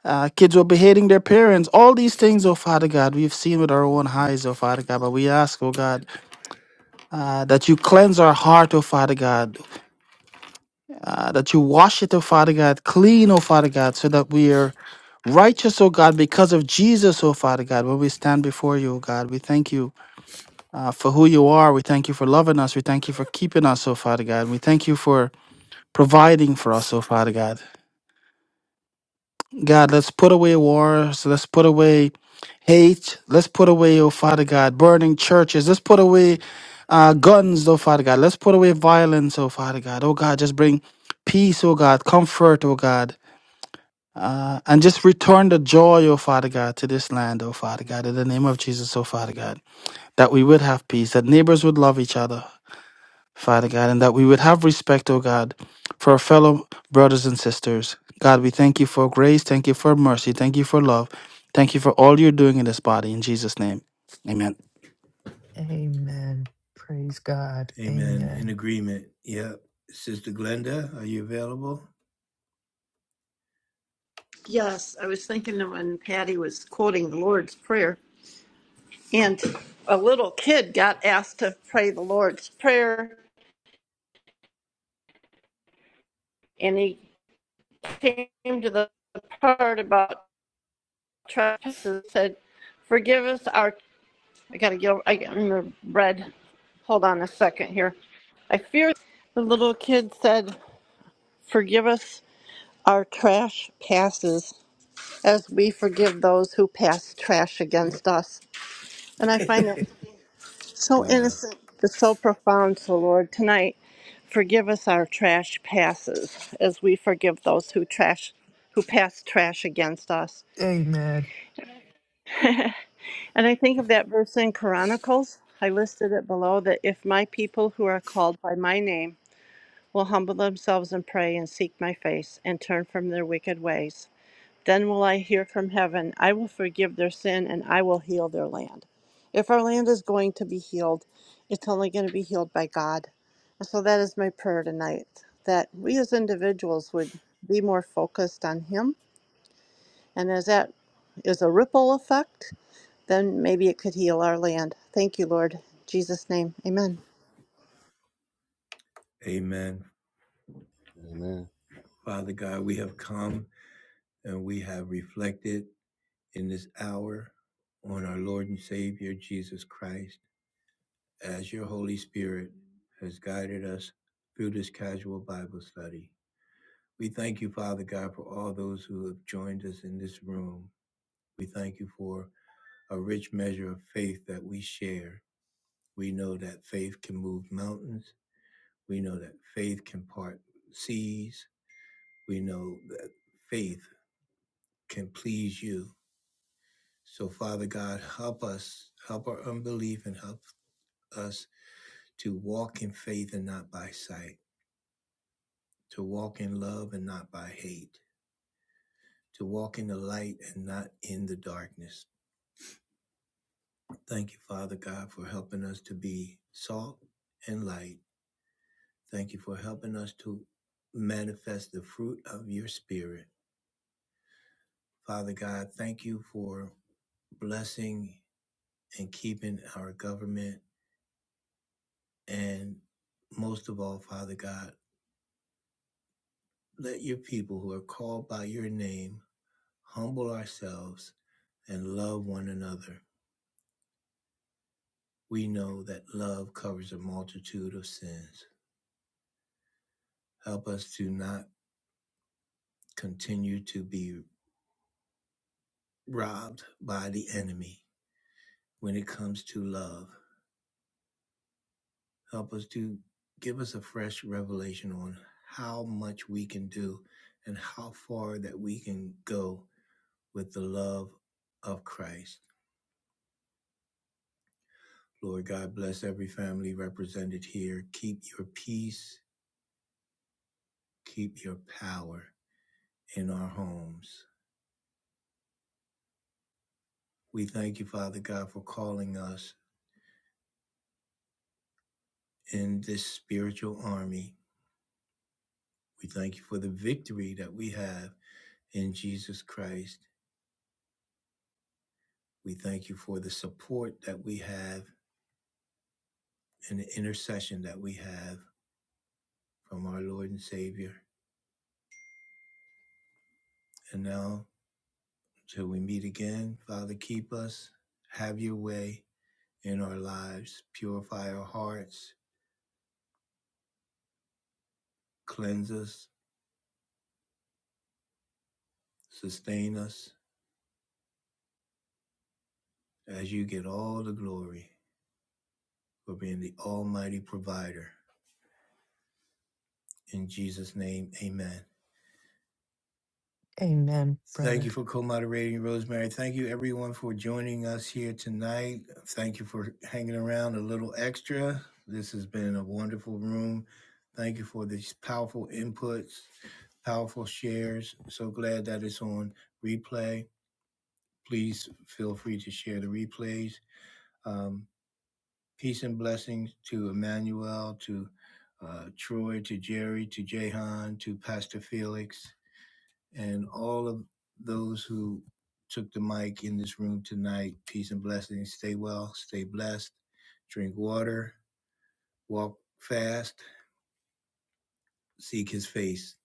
uh, kids were beheading their parents. All these things, oh Father God, we've seen with our own eyes, oh Father God. But we ask, oh God, uh, that you cleanse our heart, oh Father God, uh, that you wash it, oh Father God, clean, oh Father God, so that we are righteous, oh God, because of Jesus, oh Father God. When we stand before you, oh God, we thank you uh, for who you are. We thank you for loving us. We thank you for keeping us, oh Father God. We thank you for providing for us, oh Father God. God, let's put away wars. Let's put away hate. Let's put away, oh Father God, burning churches. Let's put away uh, guns, oh Father God. Let's put away violence, oh Father God. Oh God, just bring peace, oh God, comfort, oh God. Uh, and just return the joy, oh Father God, to this land, oh Father God, in the name of Jesus, oh Father God, that we would have peace, that neighbors would love each other, Father God, and that we would have respect, O God, for our fellow brothers and sisters. God, we thank you for grace, thank you for mercy, thank you for love, thank you for all you're doing in this body. In Jesus' name, amen. Amen. Praise God. Amen. In Amen. agreement. Yep. Sister Glenda, are you available? Yes, I was thinking of when Patty was quoting the Lord's Prayer, and a little kid got asked to pray the Lord's Prayer, and he came to the part about trespasses. and Said, "Forgive us our." I gotta get. I got the bread. Hold on a second here. I fear the little kid said, "Forgive us our trash passes, as we forgive those who pass trash against us." And I find it. So wow. innocent, but so profound. So, Lord, tonight, forgive us our trash passes as we forgive those who trash, who pass trash against us. Amen. And I think of that verse in Chronicles. I listed it below that if my people who are called by my name will humble themselves and pray and seek my face and turn from their wicked ways. Then will I hear from heaven, I will forgive their sin and I will heal their land. If our land is going to be healed, it's only going to be healed by God. And so that is my prayer tonight that we as individuals would be more focused on Him. And as that is a ripple effect, then maybe it could heal our land. Thank you, Lord. In Jesus' name, amen. Amen. Amen. Father God, we have come and we have reflected in this hour on our Lord and Savior Jesus Christ. as your Holy Spirit has guided us through this casual Bible study. We thank you, Father God, for all those who have joined us in this room. We thank you for a rich measure of faith that we share. We know that faith can move mountains. We know that faith can part seas. We know that faith can please you. So, Father God, help us, help our unbelief, and help us to walk in faith and not by sight. to walk in love and not by hate, to walk in the light and not in the darkness. Thank you, Father God, for helping us to be salt and light. Thank you for helping us to manifest the fruit of your spirit. Father God, thank you for blessing and keeping our government. And most of all, Father God, let your people who are called by your name humble ourselves and love one another We know that love covers a multitude of sins. Help us to not continue to be robbed by the enemy when it comes to love. Help us to give us a fresh revelation on how much we can do and how far that we can go with the love of Christ. Lord God, bless every family represented here. Keep your peace, keep your power in our homes. We thank you, Father God, for calling us in this spiritual army. We thank you for the victory that we have in Jesus Christ. We thank you for the support that we have and the intercession that we have from our Lord and Savior. And now, till we meet again, Father, keep us, have your way in our lives, purify our hearts, cleanse us, sustain us as you get all the glory for being the Almighty Provider. In Jesus' name, amen. Amen, Thank brother. you for co-moderating, Rosemary. Thank you, everyone, for joining us here tonight. Thank you for hanging around a little extra. This has been a wonderful room. Thank you for these powerful inputs, powerful shares. So glad that it's on replay. Please feel free to share the replays. Um, peace and blessings to Emmanuel, to uh, Troy, to Jerry, to Jehan, to Pastor Felix and all of those who took the mic in this room tonight. Peace and blessings. Stay well, stay blessed, drink water, walk fast, seek his face.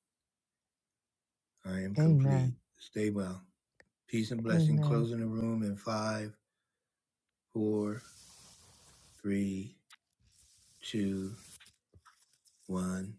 I am complete. Amen. Stay well. Peace and blessing. Amen. Closing the room in five, four, three, two, one.